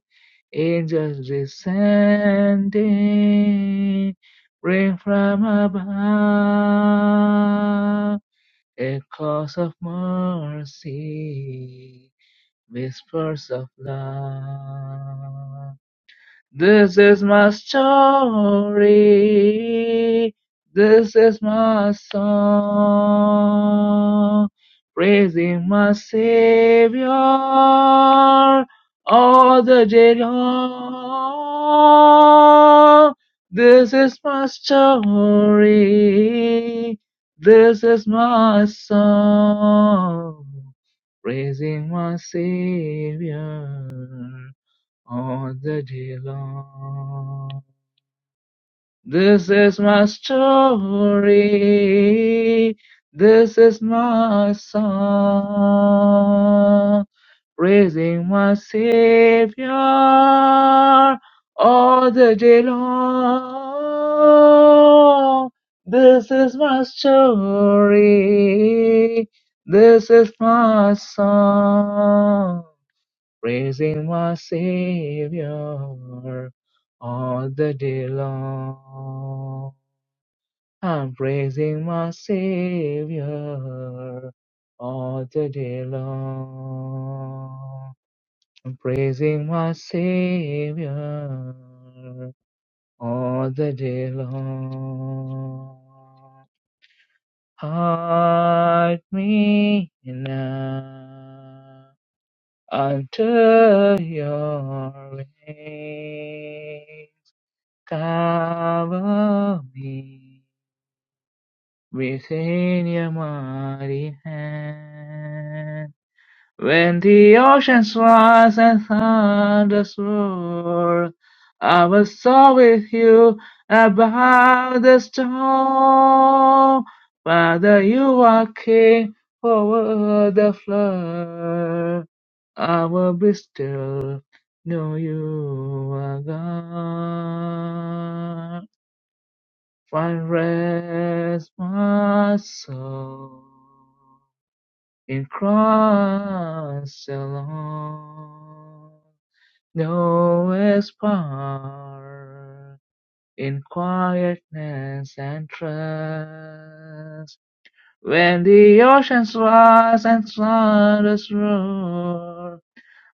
angels descending, rain from above. A cause of mercy, whispers of love. This is my story. This is my song. Praising my Savior all the day long. This is my story. This is my song. Praising my Savior all the day long. This is my story. This is my song. Praising my Savior all the day long. This is my story. This is my song praising my Savior all the day long. I'm praising my Savior all the day long. I'm praising my Savior all the day long. Hide me now unto your reign. Cover me within your mighty hand. When the oceans rise and thunders roar, I will soar with you above the storm. Father, you are king over the flood. I will be still, know you are God. Find rest, my soul in Christ alone. No aspire in quietness and trust. When the oceans rise and thunders roar,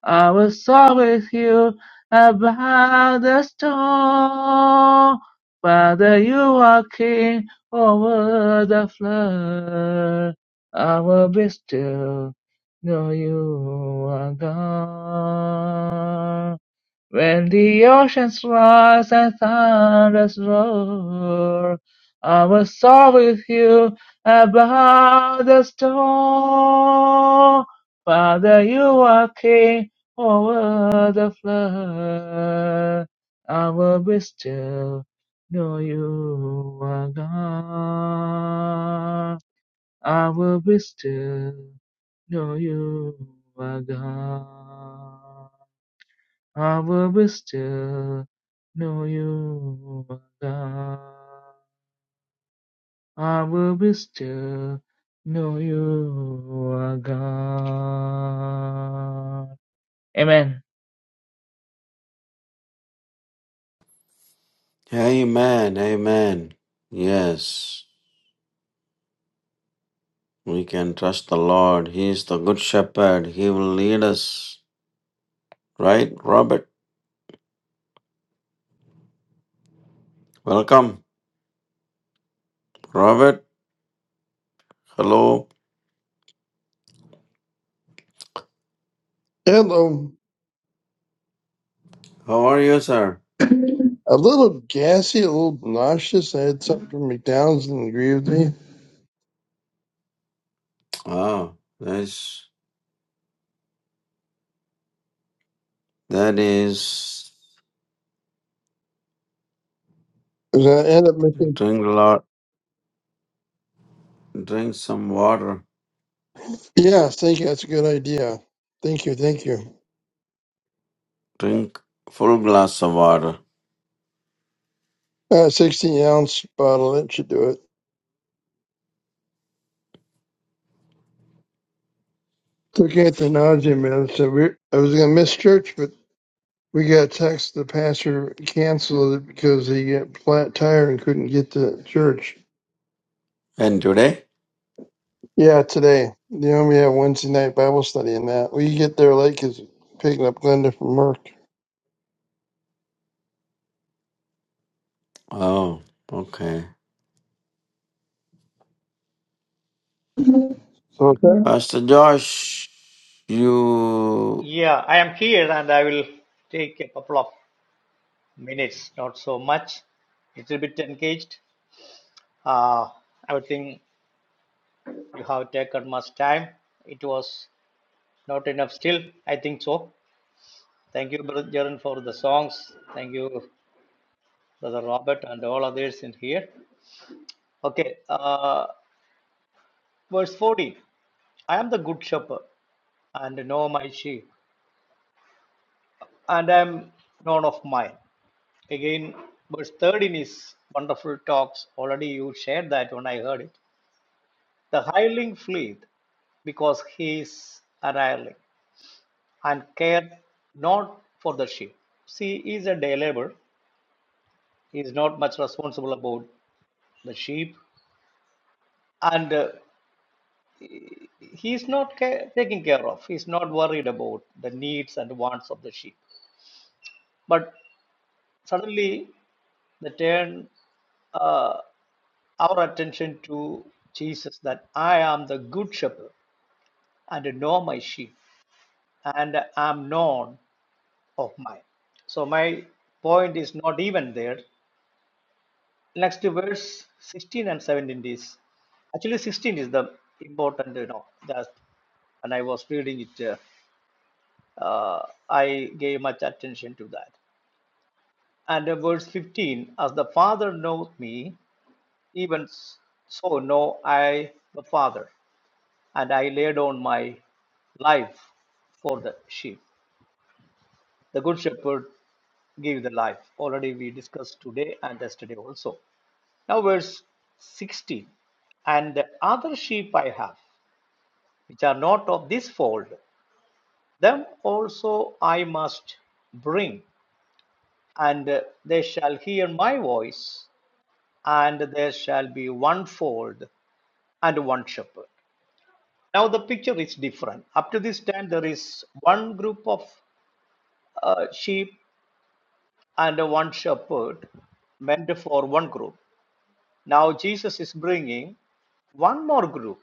I will talk with you about the storm, whether you are king over the flood. I will be still, know you are God. When the oceans rise and thunders roar, I will soar with you above the storm. Father, you are king over the flood. I will be still, know you are God. I will be still, know you are God. I will still know you are God. I will still know you are God. Amen.
Amen, amen. Yes, we can trust the Lord. He is the good shepherd. He will lead us, right? Robert, welcome. Robert, hello.
Hello.
How are you, sir?
A little gassy, a little nauseous. I had something from McDonald's and agree with me.
Wow, that's that is.
But I end up making.
Drink lot, drink some water.
Yeah, thank you. That's a good idea. Thank you. Thank you.
Drink full glass of water.
Uh, 16 ounce bottle. That should do it. Looking at the nausea medicine, we, I was going to miss church, but we got a text. The pastor canceled it because he got flat tire and couldn't get to church.
And today?
Yeah, today. They only have Wednesday night Bible study and that. We get there late because picking up Glenda from work.
Oh, okay.
So, okay.
Pastor Josh, you,
Yeah, I am here and I will take a couple of minutes, not so much, little bit engaged. Uh, I would think you have taken much time. It was not enough still, I think so. Thank you, Brother Jaran, for the songs. Thank you, Brother Robert, and all others in here. Okay, uh, verse 40 I am the good shepherd and know my sheep, and I am known of mine. Again, verse third in his wonderful talks, already you shared that when I heard it. The hireling fleeth because he is an hireling and care not for the sheep. See, he is a day laborer. He is not much responsible about the sheep and uh, he is not ca- taken care of. He is not worried about the needs and wants of the sheep. But suddenly, the turn. uh, our attention to Jesus that I am the good shepherd and know my sheep and am known of mine. So my point is not even there. Next verse 16 and 17 is actually 16 is the important you know that when I was reading it uh, uh, I gave much attention to that. And uh, verse 15 as the Father knoweth me even so know I the Father and I lay down my life for the sheep. The good shepherd gave the life. Already we discussed today and yesterday also. Now, verse 16 And the other sheep I have, which are not of this fold, them also I must bring, and they shall hear my voice, and there shall be one fold and one shepherd. Now the picture is different. Up to this time, there is one group of uh, sheep and one shepherd meant for one group. Now Jesus is bringing one more group.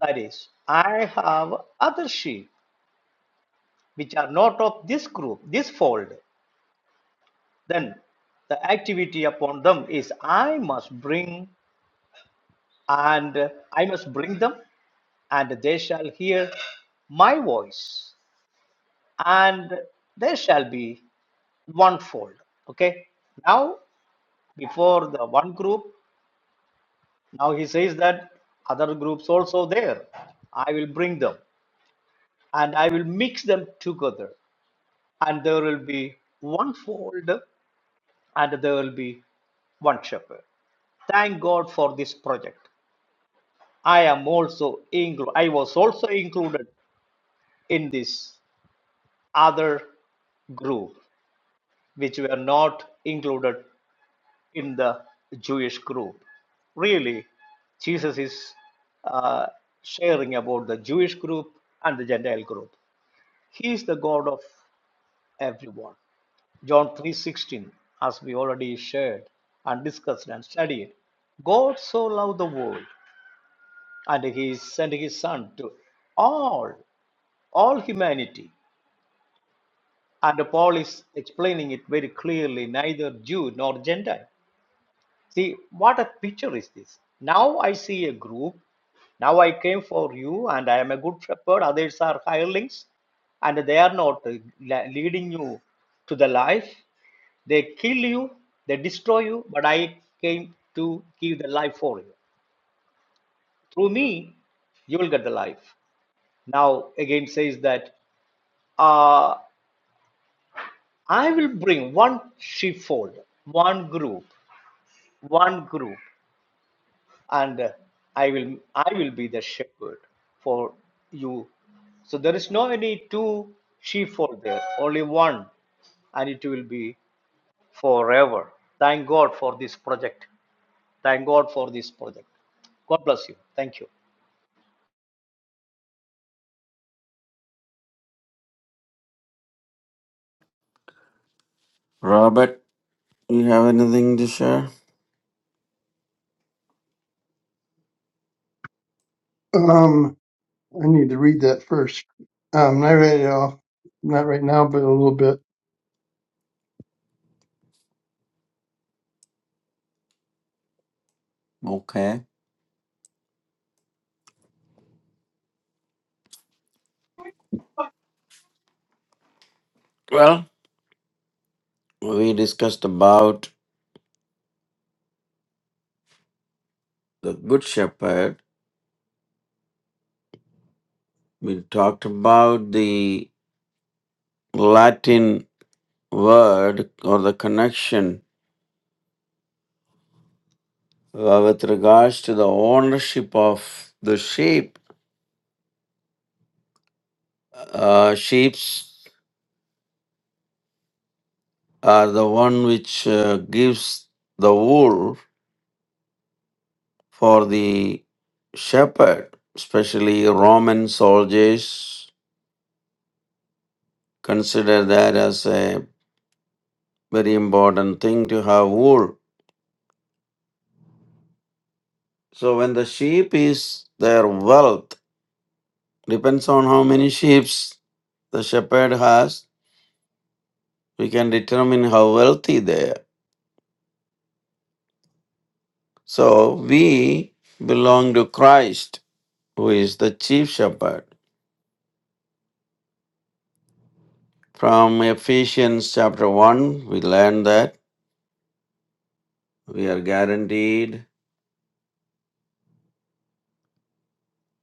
That is, I have other sheep which are not of this group, this fold. Then the activity upon them is I must bring and I must bring them and they shall hear my voice and there shall be one fold okay now before the one group Now he says that other groups also there. I will bring them and I will mix them together, and there will be one fold and there will be one shepherd. Thank God for this project. I am also inclu- I was also included in this other group which were not included in the Jewish group. Really, Jesus is uh, sharing about the Jewish group and the Gentile group. He is the God of everyone. John 3:16, as we already shared and discussed and studied, God so loved the world, and He sent His Son to all all humanity. And Paul is explaining it very clearly neither Jew nor Gentile, See, what a picture is this? Now I see a group. Now I came for you, and I am a good shepherd. Others are hirelings, and they are not uh, leading you to the life. They kill you, they destroy you, but I came to give the life for you. Through me, you will get the life. Now, again, says that uh, I will bring one sheepfold, one group, one group. and uh, i will i will be the shepherd for you so there is no any two sheepfold there only one and it will be forever thank god for this project thank god for this project god bless you thank you
Robert, you have anything to share?
Um, I need to read that first. Um, not right now, not right now, but a little bit.
Okay. Well, we discussed about the Good Shepherd. We talked about the Latin word or the connection uh, with regards to the ownership of the sheep. Uh, sheep. are the one which uh, gives the wool for the shepherd, especially Roman soldiers consider that as a very important thing to have wool. So when the sheep is their wealth, depends on how many sheep the shepherd has, we can determine how wealthy they are. So we belong to Christ, who is the chief shepherd. From Ephesians chapter 1, we learn that we are guaranteed,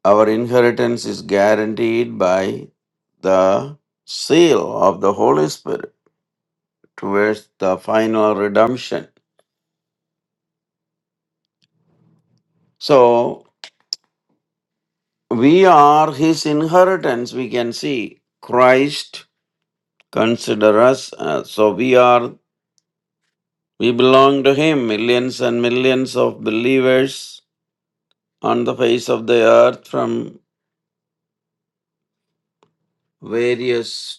our inheritance is guaranteed by the seal of the Holy Spirit towards the final redemption. So, we are his inheritance, we can see. Christ consider us, uh, so we are, we belong to him. Millions and millions of believers on the face of the earth from various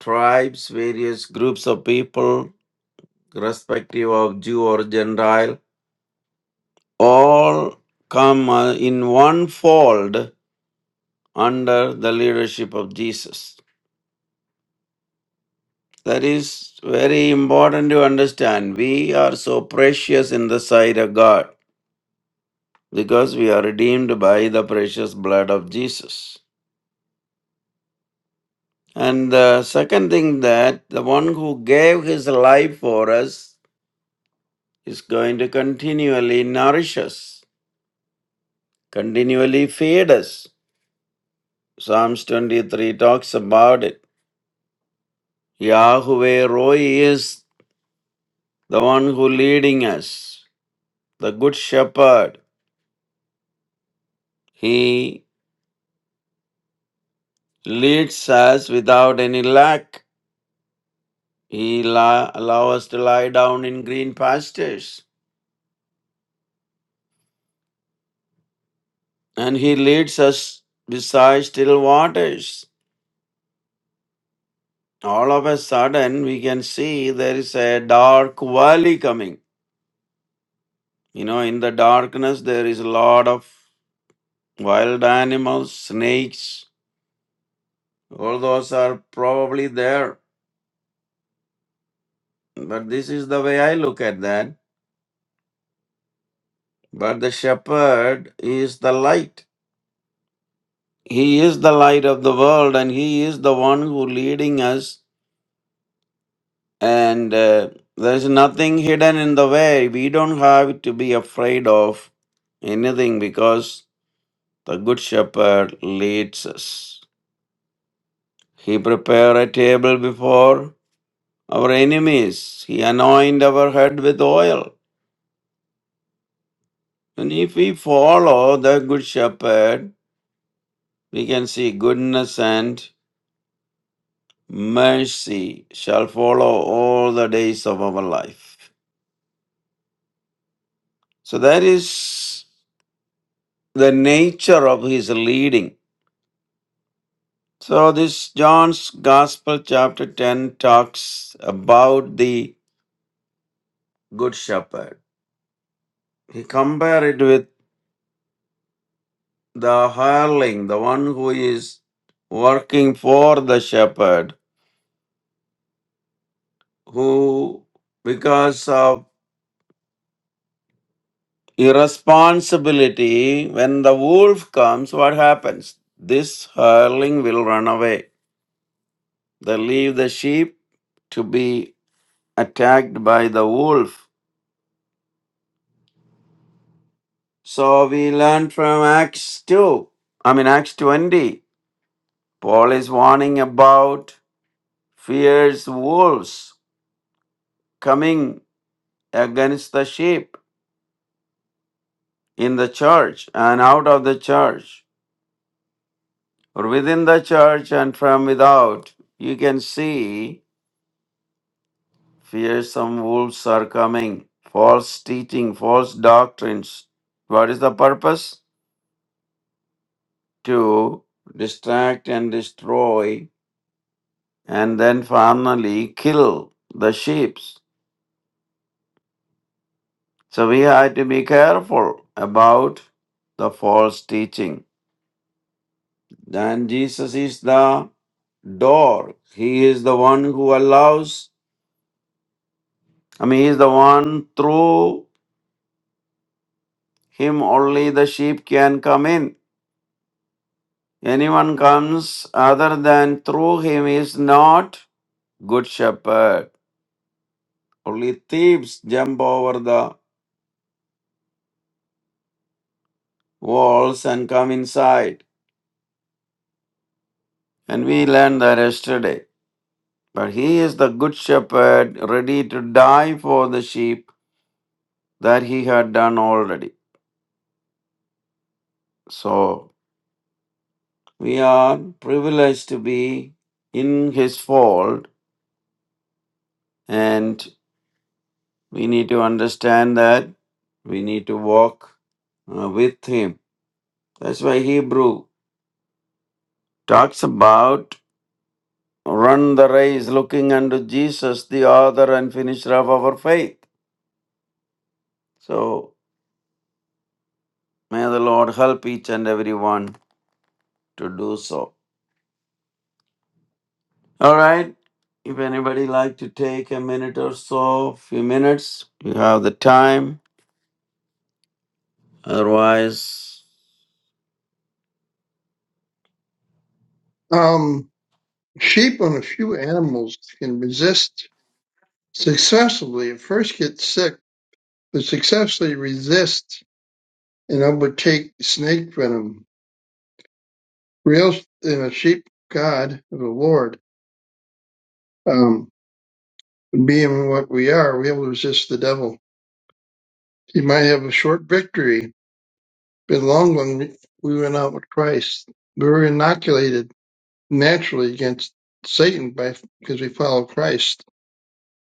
tribes, various groups of people, respective of Jew or Gentile, all come uh, in one fold under the leadership of Jesus. That is very important to understand. We are so precious in the sight of God because we are redeemed by the precious blood of Jesus. And the second thing that the one who gave his life for us is going to continually nourish us. continually feed us. Psalms 23 talks about it. Yahweh Roy is the one who leading us, the good shepherd. He leads us without any lack. He la- allow us to lie down in green pastures and he leads us beside still waters. All of a sudden we can see there is a dark valley coming. You know, in the darkness there is a lot of Wild animals, snakes, all those are probably there. But this is the way I look at that. But the shepherd is the light. He is the light of the world and he is the one who leading us and uh, there's nothing hidden in the way. We don't have to be afraid of anything because the good shepherd leads us. He prepare a table before our enemies. He anoint our head with oil. And if we follow the Good Shepherd, we can see goodness and mercy shall follow all the days of our life. So that is the nature of his leading. So this John's Gospel chapter 10 talks about the Good Shepherd. He compared it with the hireling, the one who is working for the shepherd, who because of Irresponsibility, when the wolf comes, what happens? This hurling will run away. They leave the sheep to be attacked by the wolf. So we learn from Acts 2, I mean, Acts 20. Paul is warning about fierce wolves coming against the sheep in the church and out of the church or within the church and from without. You can see Fearsome wolves are coming, false teaching, false doctrines. What is the purpose? To distract and destroy, and then finally kill the sheep. So we have to be careful about the false teaching. Then Jesus is the door. He is the one who allows, I mean, He is the one through Him only the sheep can come in. Anyone comes other than through him is not good shepherd. Only thieves jump over the walls and come inside. Learn that yesterday. But he is the good shepherd, ready to die for the sheep that he had done already. So we are privileged to be in his fold, and we need to understand that we need to walk uh, with him. That's why Hebrew talks about run the race looking unto Jesus, the author and finisher of our faith. So may the Lord help each and everyone to do so. All right. If anybody like to take a minute or so, few minutes, you have the time. Otherwise,
Um, sheep and a few animals can resist successfully. At first, get sick, but successfully resist and overtake snake venom. Real in a sheep god of the Lord, um, being what we are, we will resist the devil. He might have a short victory, but long one we went out with Christ. We were inoculated naturally against Satan by because we follow Christ.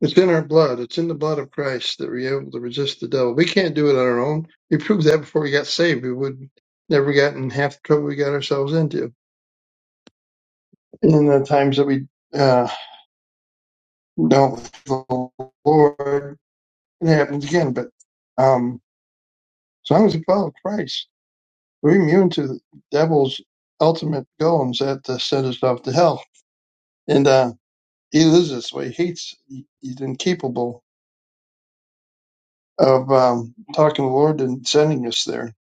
It's in our blood. It's in the blood of Christ that we're able to resist the devil. We can't do it on our own. We proved that before we got saved. We would never gotten half the trouble we got ourselves into. In the times that we uh, don't follow the Lord, it happens again. But um, as long as we follow Christ, we're immune to the devil's ultimate goals that to send us off to hell. And uh, he lives this way. He hates. He's incapable of um, talking to the Lord and sending us there.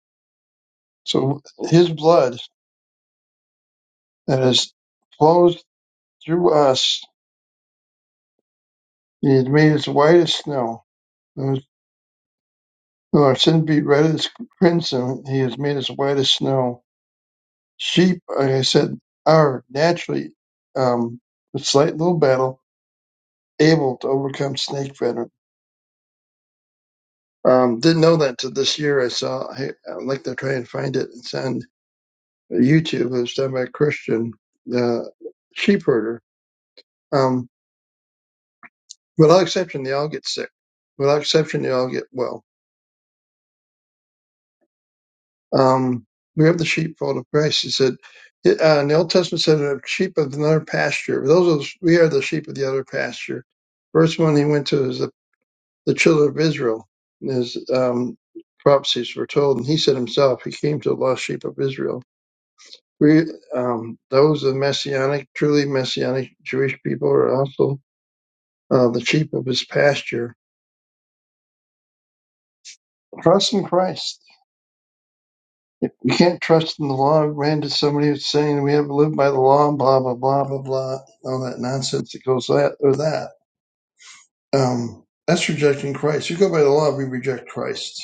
So His blood that has flowed through us, He has made us white as snow. Though Our sin be red as crimson. He has made us white as snow. Sheep, like I said, are naturally, um, with slight little battle, able to overcome snake venom. Um, didn't know that until this year. I saw. I, I'd like to try and find it. It's on YouTube. It was done by a Christian uh, sheep herder. Um, Without exception, they all get sick. Without exception, they all get well. Um, we have the sheepfold of Christ. He said, it, uh, in the Old Testament said, the sheep of another pasture. Those are, the- we are the sheep of the other pasture. First one he went to is the, the children of Israel. His um, prophecies were told, and he said himself, he came to the lost sheep of Israel. We, um, those of messianic, truly messianic Jewish people are also uh, the sheep of his pasture. Trust in Christ If we can't trust in the law, we ran to somebody who's saying we have to live by the law, and blah blah blah blah blah, all that nonsense that goes that or that. Um, that's rejecting Christ. You go by the law, we reject Christ.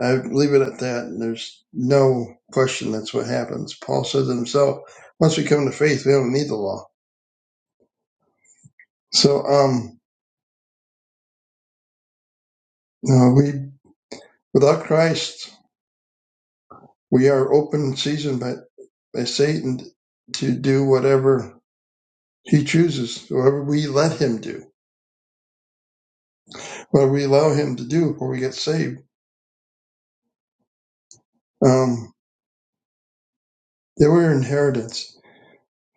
I leave it at that, and there's no question that's what happens. Paul says it himself. Once we come to faith, we don't need the law. So, um, no, we without Christ, we are open season by by Satan to do whatever he chooses, whatever we let him do what we allow him to do before we get saved. Um, they were inheritance.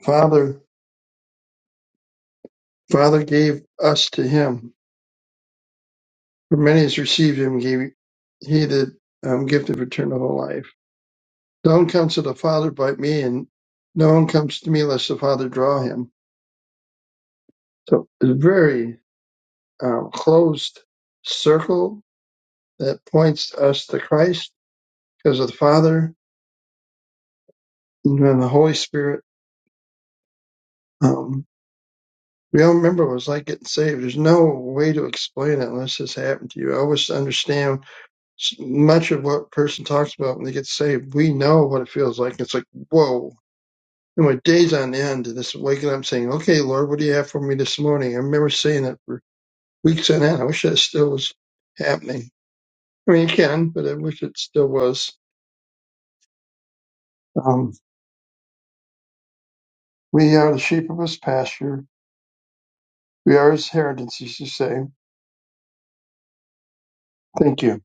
Father, Father gave us to him. For many has received him, gave he the um, gift of eternal life. No one comes to the Father but me, and no one comes to me unless the Father draw him. So it's a very um, closed circle that points us to Christ because of the Father and then the Holy Spirit. Um, We all remember what it was like getting saved. There's no way to explain it unless this happened to you. I always understand s- much of what a person talks about when they get saved. We know what it feels like. It's like, whoa. And my days on end, and this waking up saying, okay, Lord, what do you have for me this morning? I remember saying that for weeks on end. I wish that still was happening. I mean, it can, but I wish it still was. Um, we are the sheep of his pasture. We are his heritage, as you say. Thank you.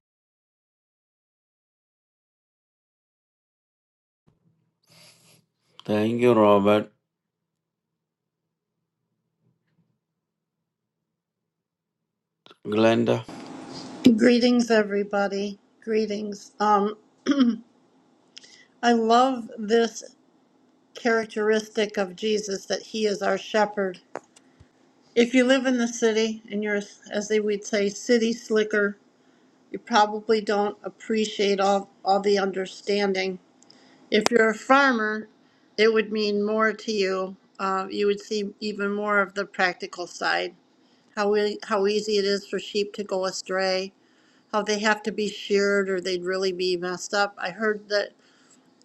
thank you, Robert. Glenda,
Greetings, everybody. Greetings. Um, I love this characteristic of Jesus that he is our shepherd. If you live in the city and you're, as they would say, city slicker, you probably don't appreciate all, all the understanding. If you're a farmer, it would mean more to you. Uh, you would see even more of the practical side how, e- how easy it is for sheep to go astray, how they have to be sheared or they'd really be messed up. I heard that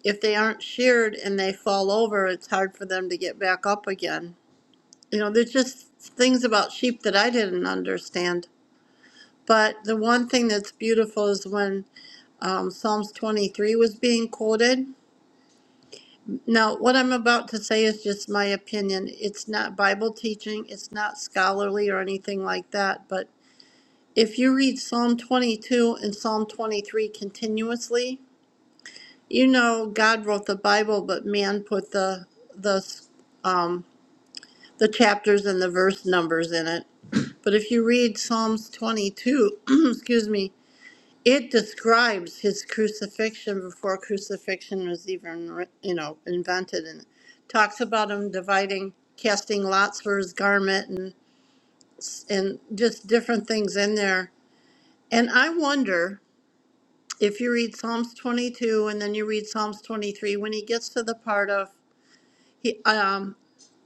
if they aren't sheared and they fall over, it's hard for them to get back up again. You know, there's just things about sheep that I didn't understand. But the one thing that's beautiful is when um, Psalms 23 was being quoted. Now, what I'm about to say is just my opinion. It's not Bible teaching, it's not scholarly or anything like that. But if you read Psalm 22 and Psalm 23 continuously, you know God wrote the Bible, but man put the the um, the chapters and the verse numbers in it. But if you read Psalms 22, excuse me, it describes his crucifixion before crucifixion was even, writ- you know, invented, and talks about him dividing, casting lots for his garment, and and just different things in there. And I wonder if you read Psalms 22 and then you read Psalms 23, when he gets to the part of he, um,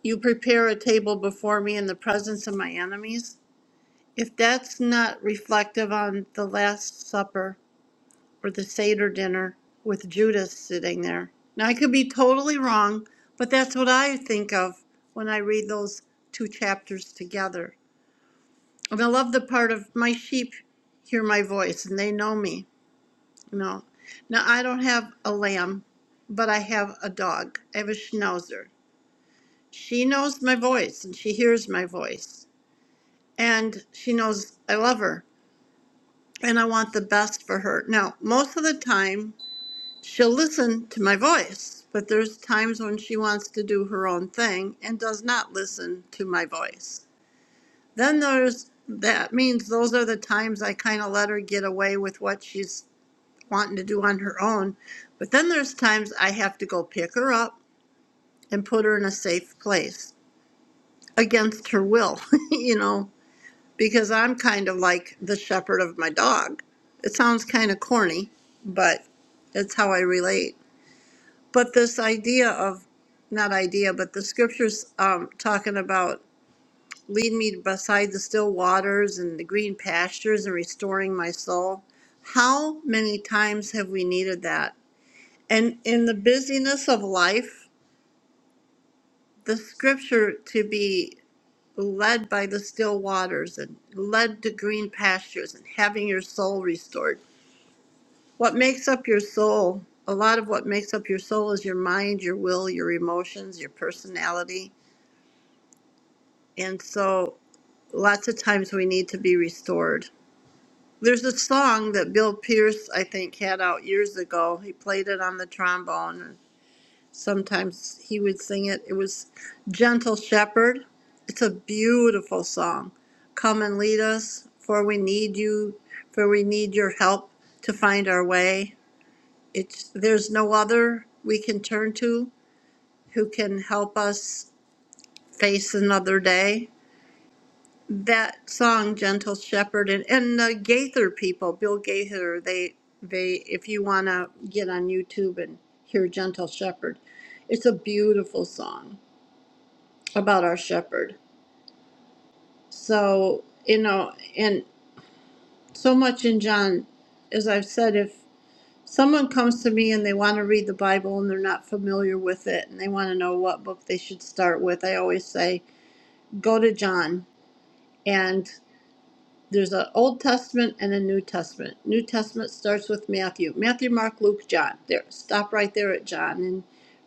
you prepare a table before me in the presence of my enemies If that's not reflective on the Last Supper or the Seder dinner with Judas sitting there. Now, I could be totally wrong, but that's what I think of when I read those two chapters together. And I love the part of my sheep hear my voice and they know me. You know, now I don't have a lamb, but I have a dog. I have a schnauzer. She knows my voice and she hears my voice, and she knows I love her and I want the best for her. Now, most of the time, she'll listen to my voice, but there's times when she wants to do her own thing and does not listen to my voice. Then there's that means those are the times I kind of let her get away with what she's wanting to do on her own. But then there's times I have to go pick her up and put her in a safe place against her will, you know. because I'm kind of like the shepherd of my dog. It sounds kind of corny, but it's how I relate. But this idea of, not idea, but the scriptures um, talking about lead me beside the still waters and the green pastures and restoring my soul. How many times have we needed that? And in the busyness of life, the scripture to be led by the still waters and led to green pastures and having your soul restored. What makes up your soul, a lot of what makes up your soul is your mind, your will, your emotions, your personality. And so lots of times we need to be restored. There's a song that Bill Pierce, I think, had out years ago. He played it on the trombone. Sometimes he would sing it. It was Gentle Shepherd. It's a beautiful song. Come and lead us, for we need you, for we need your help to find our way. It's, there's no other we can turn to who can help us face another day. That song, Gentle Shepherd, and, and the Gaither people, Bill Gaither, they, they, if you want to get on YouTube and hear Gentle Shepherd, it's a beautiful song about our shepherd. So, you know, and so much in John, as I've said, if someone comes to me and they want to read the Bible and they're not familiar with it and they want to know what book they should start with, I always say, go to John. And there's an Old Testament and a New Testament. New Testament starts with Matthew, Matthew, Mark, Luke, John. There, stop right there at John and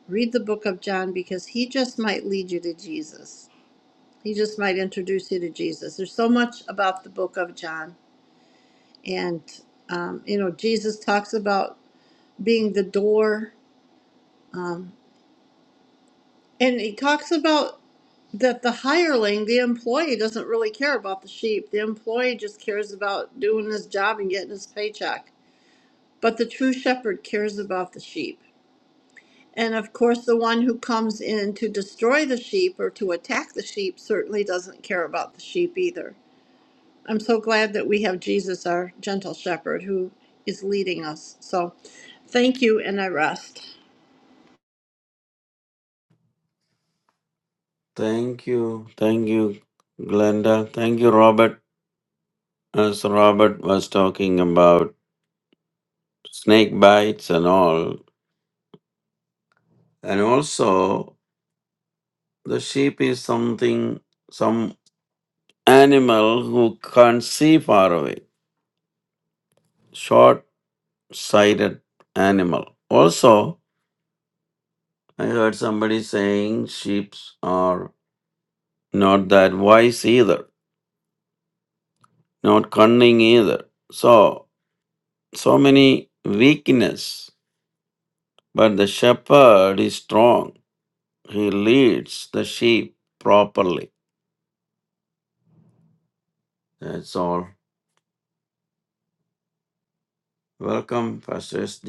read the book of John because he just might lead you to Jesus He just might introduce you to Jesus. There's so much about the book of John. And, um, you know, Jesus talks about being the door. Um, and he talks about that the hireling, the employee, doesn't really care about the sheep. The employee just cares about doing his job and getting his paycheck. But the true shepherd cares about the sheep. And of course, the one who comes in to destroy the sheep or to attack the sheep certainly doesn't care about the sheep either. I'm so glad that we have Jesus, our gentle shepherd, who is leading us. So thank you, and I rest.
thank you. Thank you, Glenda. Thank you, Robert. As Robert was talking about snake bites and all, And also, the sheep is something, some animal who can't see far away, short sighted animal. Also, I heard somebody saying sheep are not that wise either, not cunning either. So, so many weakness, but the shepherd is strong. He leads the sheep properly. That's all. Welcome, Pastor S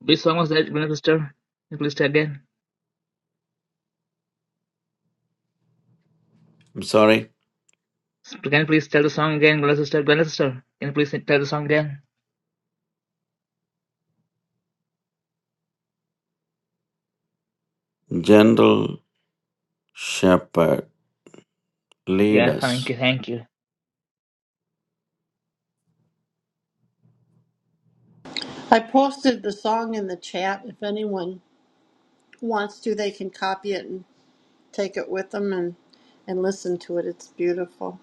Which song was that, Brother Sister? Can you please tell again?
am sorry,
Can you please tell the song again, Brother Sister? Brother Sister, can you please tell the song again?
General shepherd, lead
Yeah, thank
us.
you, thank you.
I posted the song in the chat. If anyone wants to, they can copy it and take it with them and, and listen to it. It's beautiful.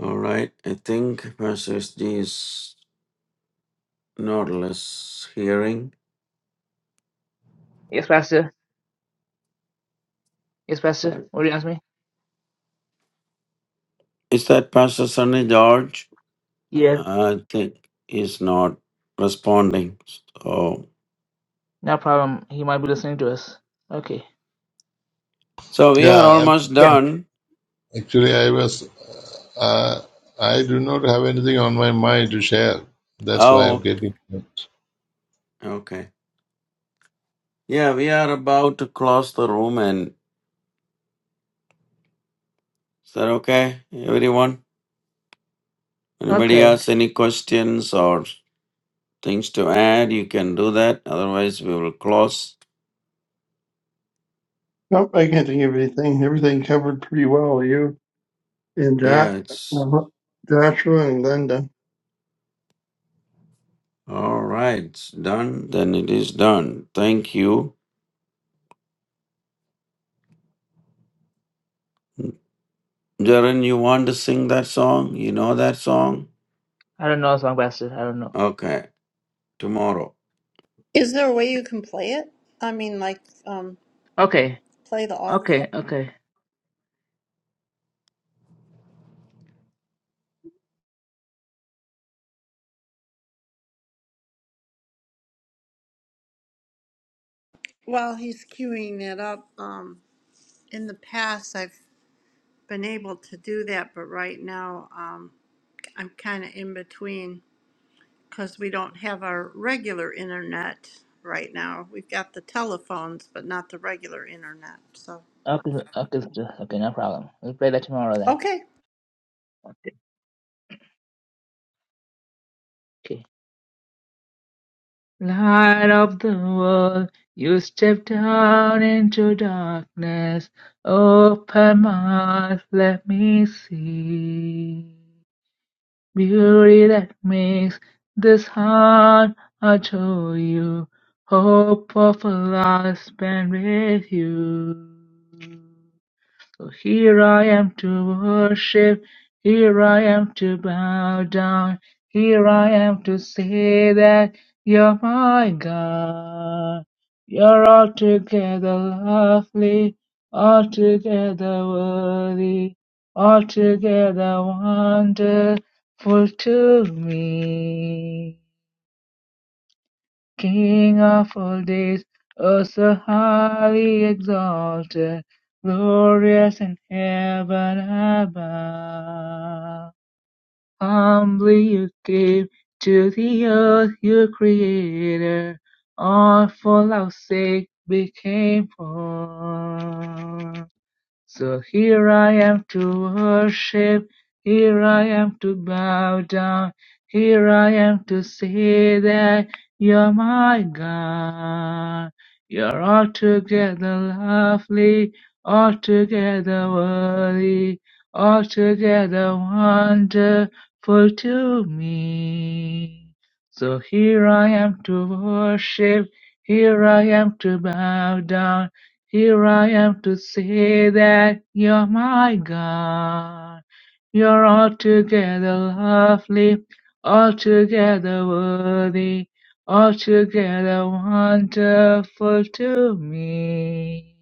All right. I think Pastor SD is not less hearing.
Yes, Pastor. Yes, Pastor.
But
What do you ask me?
is that Pastor Sonny George?
Yeah,
I think he's not responding. So,
no problem. He might be listening to us. Okay.
so we are
Yeah,
almost
Yeah.
I'm,
done.
actually, I was, uh, I do not have anything on my mind to share. That's why I'm
Oh,
getting.
okay. Yeah, we are about to close the room. And is that okay, everyone? Anybody
Okay.
has any questions or things to add? You can do that. Otherwise, we will close.
Nope, I can't think of anything. Everything covered pretty well. You? and Jo-
Yeah, it's
uh, Joshua and Linda.
All right, it's done. Then it is done. Thank you. Jaren, you want to sing that song? You know that song?
I don't know a song, Pastor. I don't know.
Okay, tomorrow.
Is there a way you can play it? I mean, like, um,
Okay.
play the audio?
Okay, okay.
While he's queuing that up, um, in the past, I've been able to do that, but right now, um, I'm kind of in between. because we don't have our regular internet right now. We've got the telephones, but not the regular internet. So,
Okay, okay, sister. Okay, no problem. We'll play that tomorrow then.
okay.
Okay, okay. Light of the world, you step down into darkness. Open my eyes, let me see. Beauty that makes this heart adore you. Hope of a life spent with you. So here I am to worship, here I am to bow down, here I am to say that you're my God. You're altogether lovely, altogether worthy, altogether wonderful to me. King of all days, oh so highly exalted, glorious in heaven above. Humbly you came to the earth, your creator, all for our sake became poor. So here I am to worship, here I am to bow down, here I am to say that you're my God. You're altogether lovely, altogether worthy, altogether wonderful to me. So here I am to worship, here I am to bow down. Here I am to say that you're my God. You're altogether lovely, altogether worthy, altogether wonderful to me.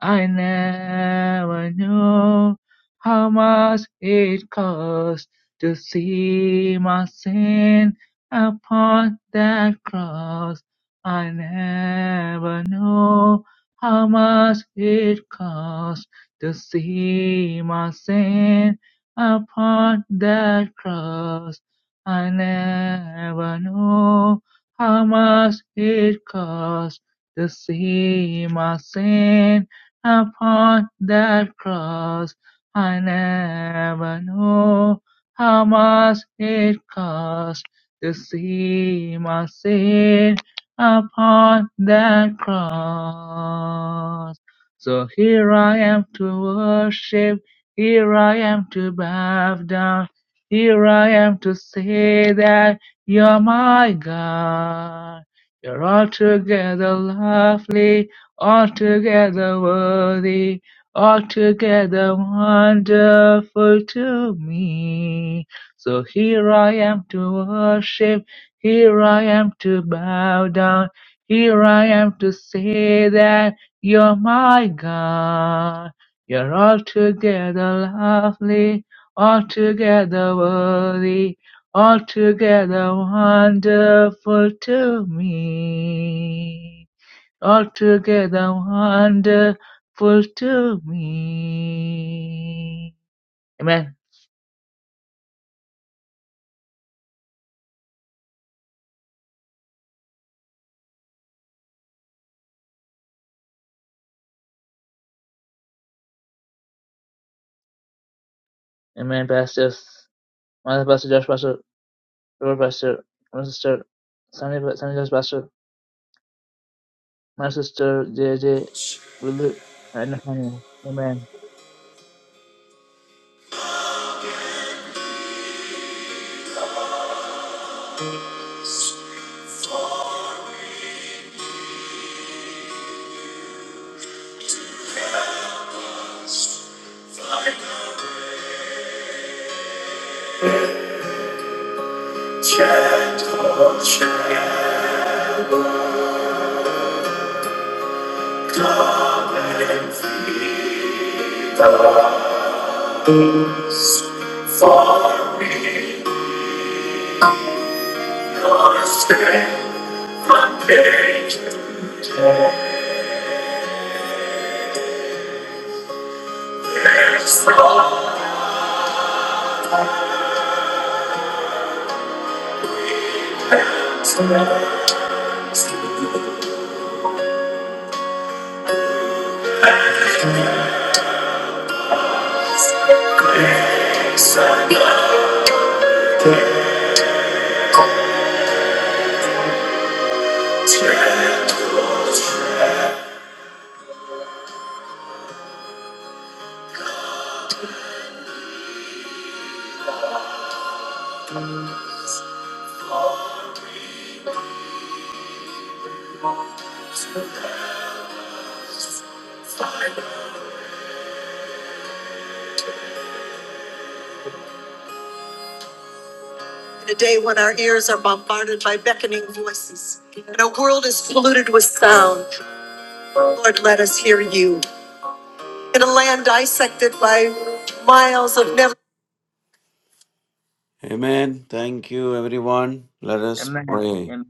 I never knew how much it cost to see my sin upon that cross. I never knew how much it cost to see my sin upon that cross. I never knew how much it cost to see my sin upon that cross. I never knew how much it cost to see my sin upon that cross. So here I am to worship, here I am to bow down, here I am to say that you're my God. You're altogether lovely, altogether worthy, altogether wonderful to me. So here I am to worship, here I am to bow down, here I am to say that you're my God. You're altogether lovely, altogether worthy, altogether wonderful to me altogether wonderful to me. Amen. Amen, pastors. My pastor, Josh pastor, Robert pastor, my sister, Sunny, Sunny Josh pastor, my sister, JJ, Lulu, and Nathaniel. Amen.
Chat, oh, chat, love and free, the booze for we are strength from page to front. In a day when our ears are bombarded by beckoning voices and our world is polluted with sound, Lord, let us hear you. in a land dissected by miles of never. Amen. Thank you, everyone. Let us pray.
Amen.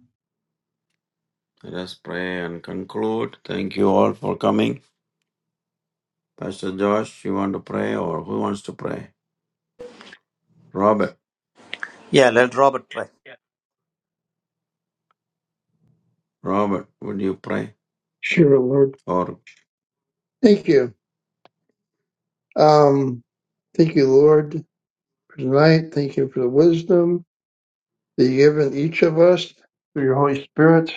Let us pray and conclude. Thank you all for coming. Pastor Josh, you want to pray or who wants to pray? Robert,
Yeah, let Robert try.
Robert, would you pray?
Sure, Lord.
Or
Thank you. Um, thank you, Lord, for tonight. Thank you for the wisdom that you've given each of us through your Holy Spirit.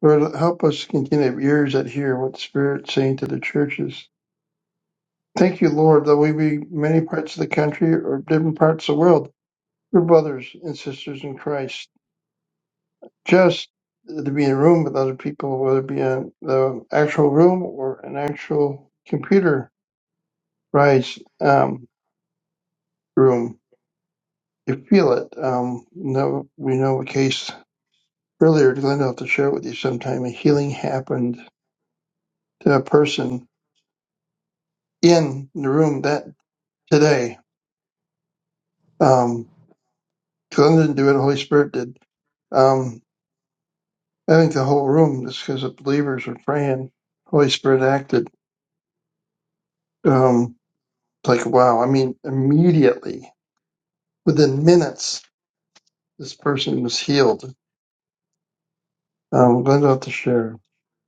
Lord, help us continue to have ears that hear what the Spirit's saying to the churches. Thank you, Lord, that we be many parts of the country or different parts of the world. We're brothers and sisters in Christ. Just to be in a room with other people, whether it be in the actual room or an actual computer Right, um, room. You feel it. Um, no, we know a case earlier. Glenda, I'll have to share it with you sometime. A healing happened to a person in the room that today. Um, Glenda didn't do it. The Holy Spirit did. Um, I think the whole room, just because the believers were praying, Holy Spirit acted. Um, it's like wow. I mean, immediately within minutes, this person was healed. Um, Glenda, I'll have to share.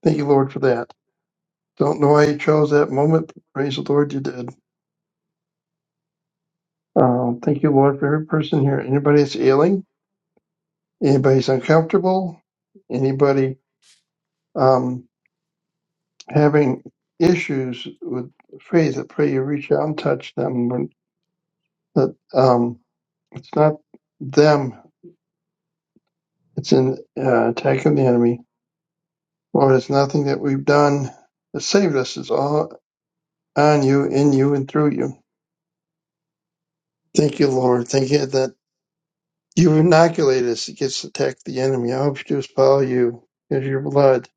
Thank you, Lord, for that. Don't know why you chose that moment, but praise the Lord you did. Um, thank you, Lord, for every person here. Anybody that's ailing, anybody's uncomfortable, anybody um, having issues with faith, I pray you reach out and touch them. When- That um, it's not them; it's an uh, attack of the enemy. Lord, it's nothing that we've done that saved us. It's all on you, in you, and through you. Thank you, Lord. Thank you that You inoculate us against the attack of the enemy. I hope to follow you. It is your blood.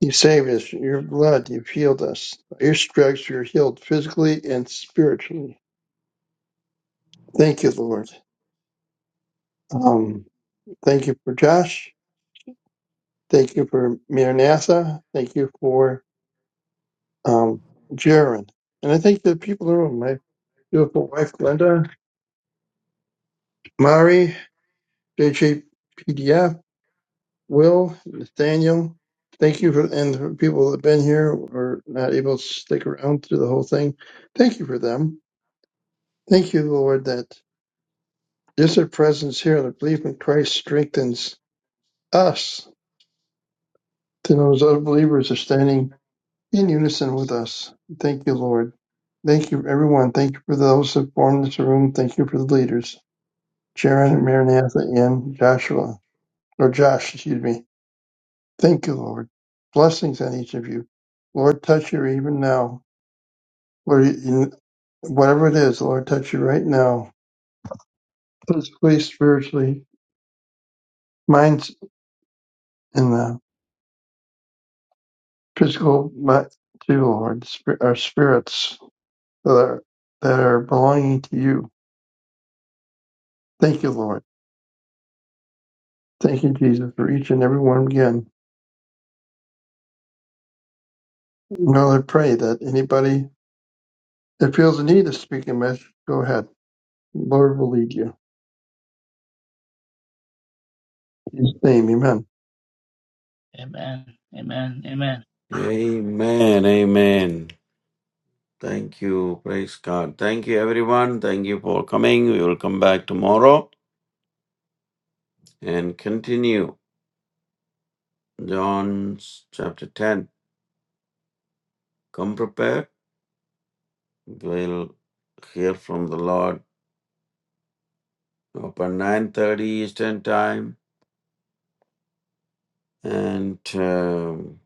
You saved us. Your blood. You've healed us. By your stripes, we are healed physically and spiritually. Thank you, Lord. Um, thank you for Josh. Thank you for Maranatha. Thank you for um, Jaron. And I thank the people in the room. My beautiful wife, Glenda, Mari, JJPDF, Will, Nathaniel, thank you for and the people that have been here or not able to stick around through the whole thing. Thank you for them. Thank you, Lord, that just their presence here, their belief in Christ strengthens us to know those other believers are standing in unison with us. Thank you, Lord. Thank you, everyone. Thank you for those that formed this room. Thank you for the leaders, Sharon, Maranatha, and Joshua, or Josh, excuse me. Thank you, Lord. Blessings on each of you. Lord, touch you even now. Lord, in whatever it is, Lord, touch you right now. Physically, spiritually, minds in the physical, but too, Lord, sp- our spirits that are, that are belonging to you. Thank you, Lord. Thank you, Jesus, for each and every one again. Lord, I pray that anybody that feels the need to speak a message, go ahead. Lord will lead you. In his name, amen.
Amen. Amen. Amen.
Amen, amen. Thank you. Praise God. Thank you, everyone. Thank you for coming. We will come back tomorrow and continue. John's chapter 10. Come prepared. We'll hear from the Lord upon 9.30 Eastern Time. And um,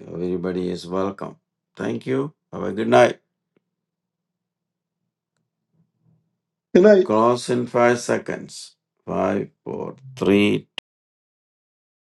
everybody is welcome. Thank you. Have a good night.
Good night.
Close in five seconds. Five, four, three,